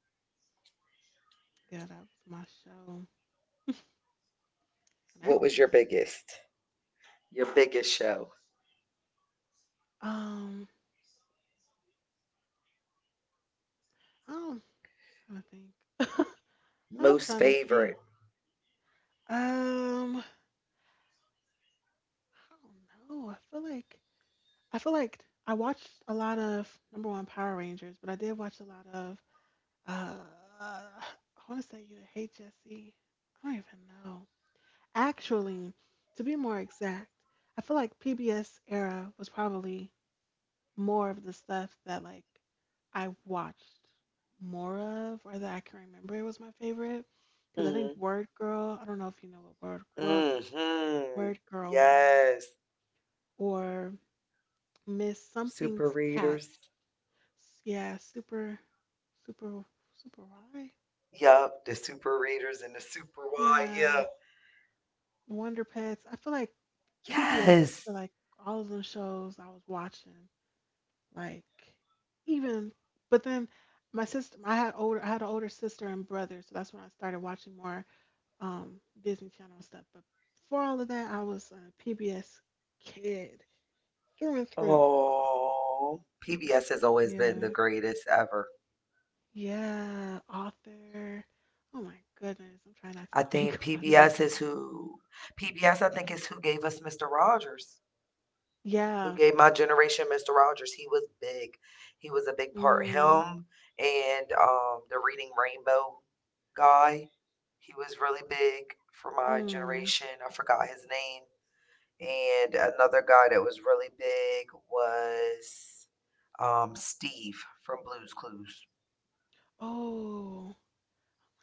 Speaker 1: Yeah, that was my show. And
Speaker 2: What was
Speaker 1: actually,
Speaker 2: your biggest show?
Speaker 1: um, I'm trying to think. *laughs* I'm
Speaker 2: Most
Speaker 1: trying to
Speaker 2: favorite?
Speaker 1: think. Um, I don't know. I feel like I feel like I watched a lot of number one Power Rangers, but I did watch a lot of uh, I want to say either Hey Jesse. I don't even know. Actually, to be more exact, I feel like PBS era was probably more of the stuff that like I watched more of, or that I can remember it was my favorite. Because I think
Speaker 2: mm
Speaker 1: Word Girl, I don't know if you know what Word
Speaker 2: hmm
Speaker 1: Word
Speaker 2: Mm hmm
Speaker 1: Word Girl was,
Speaker 2: Yes.
Speaker 1: or Miss
Speaker 2: Super
Speaker 1: Something's
Speaker 2: Readers.
Speaker 1: Patch. Yeah, super super super why?
Speaker 2: Yup. The Super Readers and the Super Y.
Speaker 1: Yeah.
Speaker 2: Yeah.
Speaker 1: Wonder Pets. I feel like PBS, I
Speaker 2: Yes.
Speaker 1: feel like all of them shows I was watching. Like even, but then my sister, I had an older sister and brother, so that's when I started watching more Disney Channel and stuff. But before all of that, I was a PBS kid through and through.
Speaker 2: Oh, PBS has always been the
Speaker 1: Yeah,
Speaker 2: greatest ever.
Speaker 1: yeah, author. Oh my goodness, I'm trying not to think
Speaker 2: I
Speaker 1: *laughs*
Speaker 2: think
Speaker 1: about it right
Speaker 2: PBS is
Speaker 1: now.
Speaker 2: who PBS I think is who gave us Mr. Rogers, who
Speaker 1: Yeah.
Speaker 2: gave my generation Mr. Rogers. He was big. He was a big part.
Speaker 1: Mm.
Speaker 2: Him and the Reading Rainbow guy. He was really big for my
Speaker 1: Mm.
Speaker 2: generation. I forgot his name. And another guy that was really big was Steve from Blues Clues.
Speaker 1: Oh my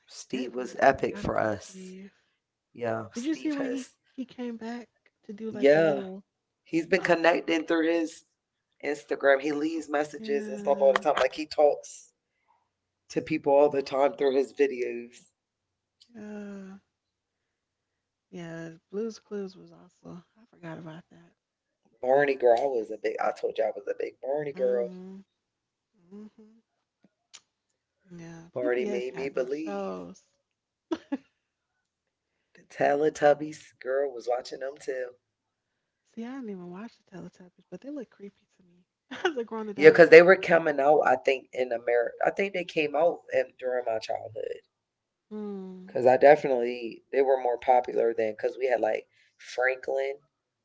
Speaker 2: Steve
Speaker 1: goodness,
Speaker 2: was
Speaker 1: I
Speaker 2: epic
Speaker 1: forgot
Speaker 2: for
Speaker 1: about
Speaker 2: us.
Speaker 1: Steve.
Speaker 2: Yeah,
Speaker 1: Did you see
Speaker 2: Steve
Speaker 1: when he
Speaker 2: has.
Speaker 1: he came back to do like a
Speaker 2: Yeah,
Speaker 1: little?
Speaker 2: he's been connecting through his Instagram. He leaves messages and stuff all the
Speaker 1: Yeah,
Speaker 2: time. Like he talks to people all the time through his videos.
Speaker 1: yeah, yeah. Blues Clues was also. I forgot about that.
Speaker 2: Barney girl, I was a big. I told you I was a big Barney girl.
Speaker 1: Mhm, mhm. Yeah,
Speaker 2: Barney
Speaker 1: PBS
Speaker 2: made me
Speaker 1: had them
Speaker 2: believe.
Speaker 1: shows.
Speaker 2: The Teletubbies girl was watching them too.
Speaker 1: See, I didn't even watch the Teletubbies, but they look creepy to me *laughs* as a grown
Speaker 2: Yeah,
Speaker 1: adult.
Speaker 2: because they were coming out. I think in America, I think they came out in, during my childhood.
Speaker 1: Hmm.
Speaker 2: Because I definitely they were more popular then. Because we had like Franklin.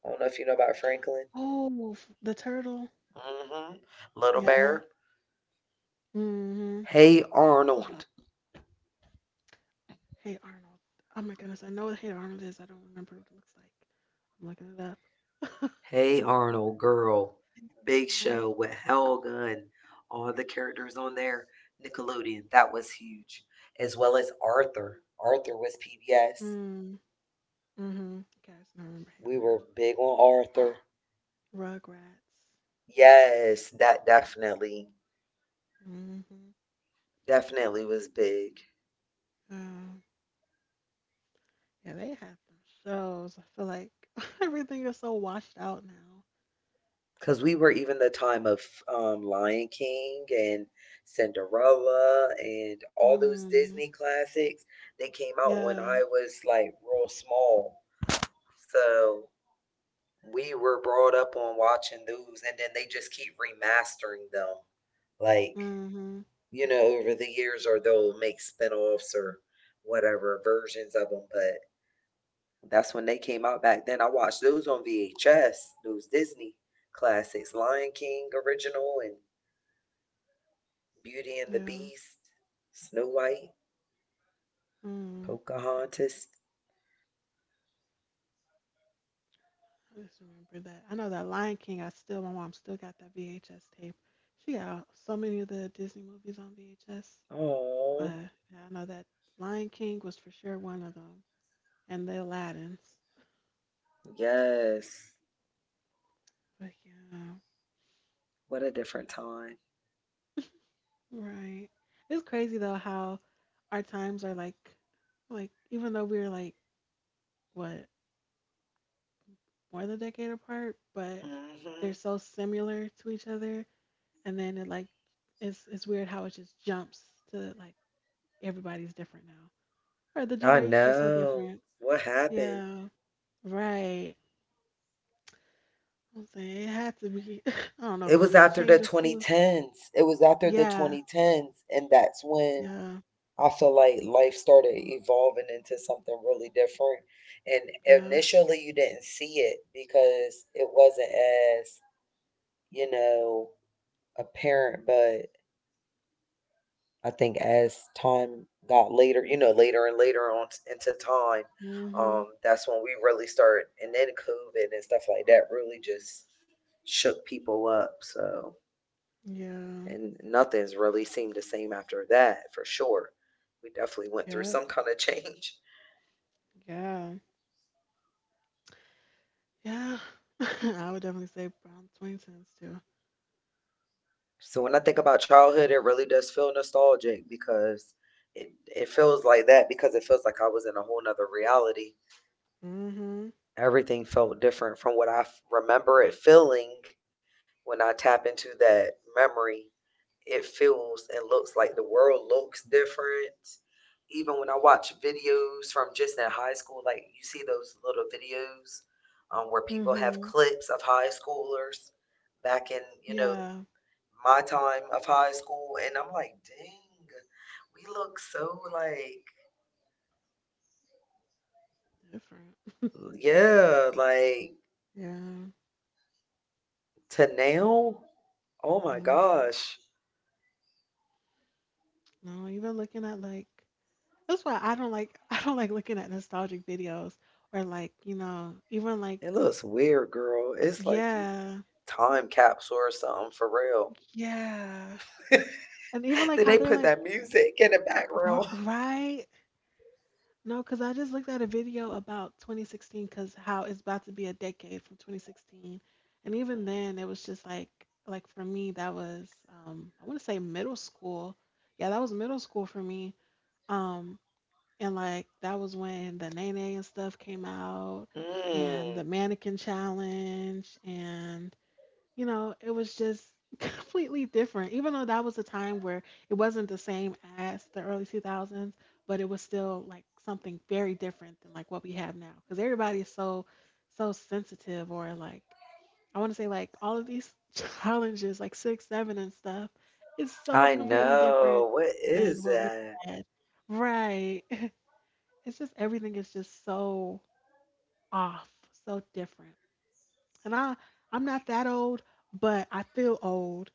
Speaker 2: I don't know if you know about Franklin.
Speaker 1: Oh, the turtle.
Speaker 2: Mm hmm Little
Speaker 1: Yeah.
Speaker 2: Bear.
Speaker 1: Mm. Mhm.
Speaker 2: Hey Arnold.
Speaker 1: Hey Arnold. Oh my goodness, I know what Hey Arnold is. I don't remember what it looks like. I'm looking it up. *laughs*
Speaker 2: Hey Arnold, girl.
Speaker 1: Hey
Speaker 2: Big Show
Speaker 1: Arnold.
Speaker 2: with Helga and all the characters on there. Nickelodeon, that was huge. As well as Arthur. Arthur was PBS.
Speaker 1: Mm. Mhm. Guys, I remember Hey
Speaker 2: We were
Speaker 1: Arnold.
Speaker 2: big on Arthur.
Speaker 1: Rugrats.
Speaker 2: Yes, that definitely,
Speaker 1: Hmm.
Speaker 2: definitely was big.
Speaker 1: Yeah, yeah, they have some shows. I feel like *laughs* everything is so washed out now.
Speaker 2: Because we were even the time of Lion King and Cinderella and all those
Speaker 1: Mm,
Speaker 2: Disney classics. They came out when
Speaker 1: yeah.
Speaker 2: I was like real small. So we were brought up on watching those, and then they just keep remastering them, like,
Speaker 1: Mm-hmm.
Speaker 2: you know, over the years, or they'll make spin-offs or whatever versions of them. But that's when they came out back then. I watched those on VHS, those Disney classics, Lion King original and Beauty and the
Speaker 1: Yeah.
Speaker 2: Beast, Snow White,
Speaker 1: Mm.
Speaker 2: Pocahontas.
Speaker 1: I just remember that. I know that Lion King, I still, my mom still got that VHS tape. She got so many of the Disney movies on VHS,
Speaker 2: Oh,
Speaker 1: but yeah, I know that Lion King was for sure one of them, and the Aladdin's.
Speaker 2: yes.
Speaker 1: But yeah,
Speaker 2: What a different time.
Speaker 1: right. It's crazy though how our times are like even though we're like what, more than a decade apart, but they're
Speaker 2: Hmm.
Speaker 1: so similar to each other. And then it like it's weird how it just jumps to like everybody's different now, or the
Speaker 2: I
Speaker 1: generation is so
Speaker 2: know.
Speaker 1: different.
Speaker 2: What happened?
Speaker 1: Yeah, right. I'm saying it had to be. *laughs* I don't know
Speaker 2: It
Speaker 1: if it was
Speaker 2: was
Speaker 1: that
Speaker 2: after the
Speaker 1: change of food.
Speaker 2: 2010s. It was after the
Speaker 1: Yeah,
Speaker 2: 2010s, and that's when
Speaker 1: yeah,
Speaker 2: I feel like life started evolving into something really different. And
Speaker 1: yeah.
Speaker 2: initially, you didn't see it because it wasn't as, you know, apparent, but I think as time got later, you know, later and later on t- into time,
Speaker 1: Mhm.
Speaker 2: that's when we really start, and then COVID and stuff like that really just shook people up. So,
Speaker 1: Yeah.
Speaker 2: and nothing's really seemed the same after that, for sure. We definitely went through
Speaker 1: Yep.
Speaker 2: some kind of change.
Speaker 1: Yeah. Yeah. *laughs* I would definitely say brown Twingtons too.
Speaker 2: So when I think about childhood, it really does feel nostalgic because it feels like that because it feels like I was in a whole nother reality.
Speaker 1: Mhm.
Speaker 2: Everything felt different from what I f- remember it feeling when I tap into that memory. It feels and looks like the world looks different. Even when I watch videos from just in high school, like you see those little videos where people have
Speaker 1: Mhm.
Speaker 2: clips of high schoolers back in, you know,
Speaker 1: Yeah.
Speaker 2: my time of high school. And I'm like, dang, we look so like,
Speaker 1: Different.
Speaker 2: yeah, like
Speaker 1: Yeah.
Speaker 2: to now. Oh my
Speaker 1: Hmm.
Speaker 2: gosh.
Speaker 1: No, even looking at like that's why I don't like, *laughs* I don't like looking at nostalgic videos or like, you know, even like
Speaker 2: It looks weird, girl. It's like you
Speaker 1: yeah.
Speaker 2: time capsule or something for real.
Speaker 1: Yeah. And even
Speaker 2: *laughs*
Speaker 1: like
Speaker 2: Then
Speaker 1: how
Speaker 2: they
Speaker 1: they're
Speaker 2: put
Speaker 1: like
Speaker 2: that music in the background.
Speaker 1: right? No, cuz I just looked at a video about 2016 cuz how it's about to be a decade from 2016. And even then it was just like for me that was I want to say middle school. Yeah, that was middle school for me. um. And like that was when the Nene and stuff came out, and the
Speaker 2: Mm,
Speaker 1: mannequin challenge, and you know, it was just *laughs* completely different. Even though that was a time where it wasn't the same as the early 2000s, but it was still like something very different than like what we have now, cuz everybody is so sensitive or like I want to say like all of these *laughs* challenges like 6-7 and stuff is so
Speaker 2: I
Speaker 1: completely different
Speaker 2: know. What
Speaker 1: than
Speaker 2: is
Speaker 1: what we
Speaker 2: that?
Speaker 1: had. Right, it's just everything is just so off, so different. And I'm not that old, but I feel old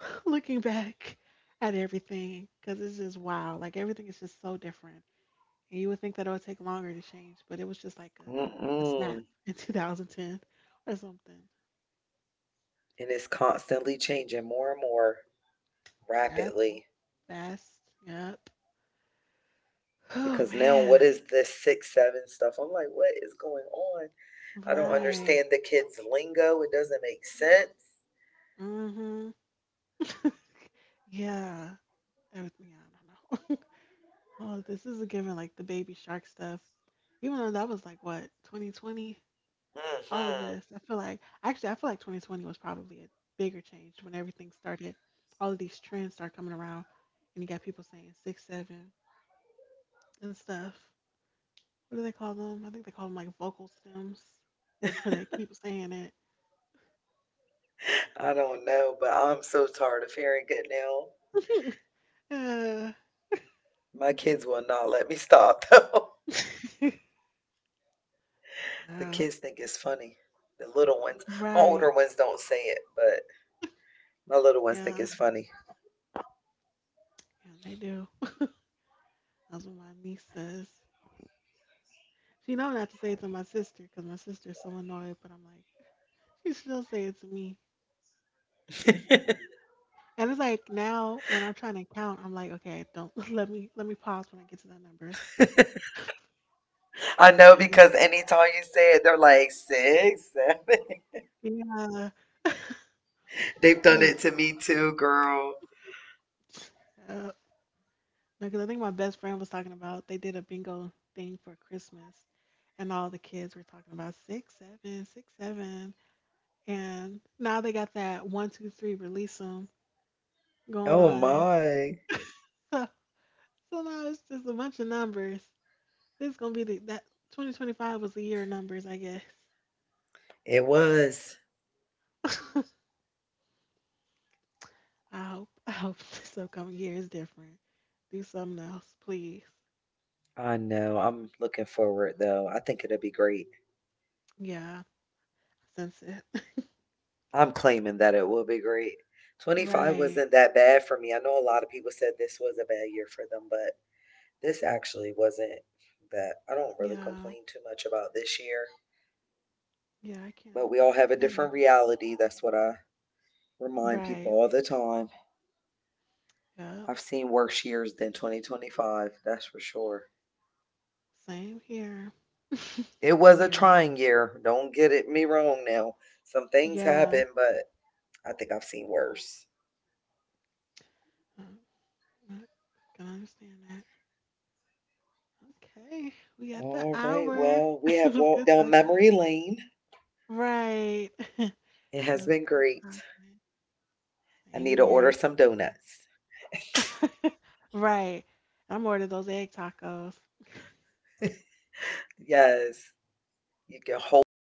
Speaker 1: *laughs* looking back at everything because it's just wow. Like everything is just so different. And you would think that it would take longer to change, but it was just like a snap
Speaker 2: Mm-mm.
Speaker 1: *laughs* in 2010 or something.
Speaker 2: And it's constantly changing more and more
Speaker 1: Yep,
Speaker 2: rapidly.
Speaker 1: fast. Yep. *sighs* Oh
Speaker 2: Because now, what
Speaker 1: man.
Speaker 2: is this six, seven stuff? I'm like, what is going on? I don't
Speaker 1: Right.
Speaker 2: understand the kids' lingo. It doesn't make sense.
Speaker 1: Mhm. *laughs* Yeah. Everything. Yeah, I don't know. *laughs* Oh, this is a given, like the Baby Shark stuff. Even though that was like what, 2020, all of
Speaker 2: Hmm.
Speaker 1: this. I feel like actually, I feel like 2020 was probably a bigger change when everything started. All of these trends start coming around, and you got people saying six, seven, and stuff. What do they call them? I think they call them like vocal stems, *laughs* where they keep saying
Speaker 2: I don't know, but I'm so tired of hearing it now.
Speaker 1: it. *laughs* Yeah.
Speaker 2: My kids will not let me stop though. *laughs*
Speaker 1: *laughs*
Speaker 2: The
Speaker 1: Yeah.
Speaker 2: kids think it's funny. The little ones, my older
Speaker 1: Right.
Speaker 2: ones don't say it, but my little ones think
Speaker 1: Yeah.
Speaker 2: it's funny.
Speaker 1: Yeah, they do. That's what my niece says. She know not to say it to my sister because my sister's so annoyed. But I'm like, *laughs* she still say it to me. And it's like now when I'm trying to count, I'm like, okay, don't *laughs* let me pause when I get to that number.
Speaker 2: *laughs* I know
Speaker 1: Because
Speaker 2: because anytime you say it, they're like six, seven.
Speaker 1: yeah, *laughs*
Speaker 2: *laughs* They've done
Speaker 1: yeah,
Speaker 2: it to me too, girl.
Speaker 1: uh, because I think my best friend was talking about they did a bingo thing for Christmas, and all the kids were talking about 6 7, 6 7, and now they got that 1 2 3, release them going
Speaker 2: Oh
Speaker 1: on. *laughs*
Speaker 2: my.
Speaker 1: So now it's just a bunch of numbers. This is gonna be the that 2025 was the year of numbers, I guess.
Speaker 2: It was.
Speaker 1: *laughs* I hope. I hope *laughs* this upcoming year is different. Do something else, please.
Speaker 2: I know. I'm looking forward though. I think it'll be great.
Speaker 1: Yeah, I sense it. *laughs*
Speaker 2: I'm claiming that it will be great. 25
Speaker 1: Right.
Speaker 2: wasn't that bad for me. I know a lot of people said this was a bad year for them, but this actually wasn't that I don't really
Speaker 1: Yeah.
Speaker 2: complain too much about this year,
Speaker 1: Yeah, I
Speaker 2: but
Speaker 1: can't.
Speaker 2: we all have a
Speaker 1: I can't
Speaker 2: different
Speaker 1: either.
Speaker 2: reality. That's what I remind people
Speaker 1: Right.
Speaker 2: all the time.
Speaker 1: Yep.
Speaker 2: I've seen worse years than 2025, that's for sure.
Speaker 1: Same here.
Speaker 2: It
Speaker 1: Same
Speaker 2: was a
Speaker 1: here.
Speaker 2: trying year. Don't get it me wrong now. Some things
Speaker 1: Yeah.
Speaker 2: happened, but I think I've seen worse.
Speaker 1: Uh, I can understand that. Okay. We got the
Speaker 2: All right.
Speaker 1: hour.
Speaker 2: Well,
Speaker 1: *laughs*
Speaker 2: we
Speaker 1: It
Speaker 2: have
Speaker 1: was
Speaker 2: walked
Speaker 1: good
Speaker 2: down
Speaker 1: talking.
Speaker 2: memory lane.
Speaker 1: Right.
Speaker 2: It
Speaker 1: It
Speaker 2: has
Speaker 1: was
Speaker 2: been
Speaker 1: good
Speaker 2: great.
Speaker 1: talking.
Speaker 2: I
Speaker 1: Same
Speaker 2: need to order
Speaker 1: here.
Speaker 2: some donuts.
Speaker 1: *laughs* Right. I'm ordering those egg tacos.
Speaker 2: *laughs* Yes, you can hold the fruit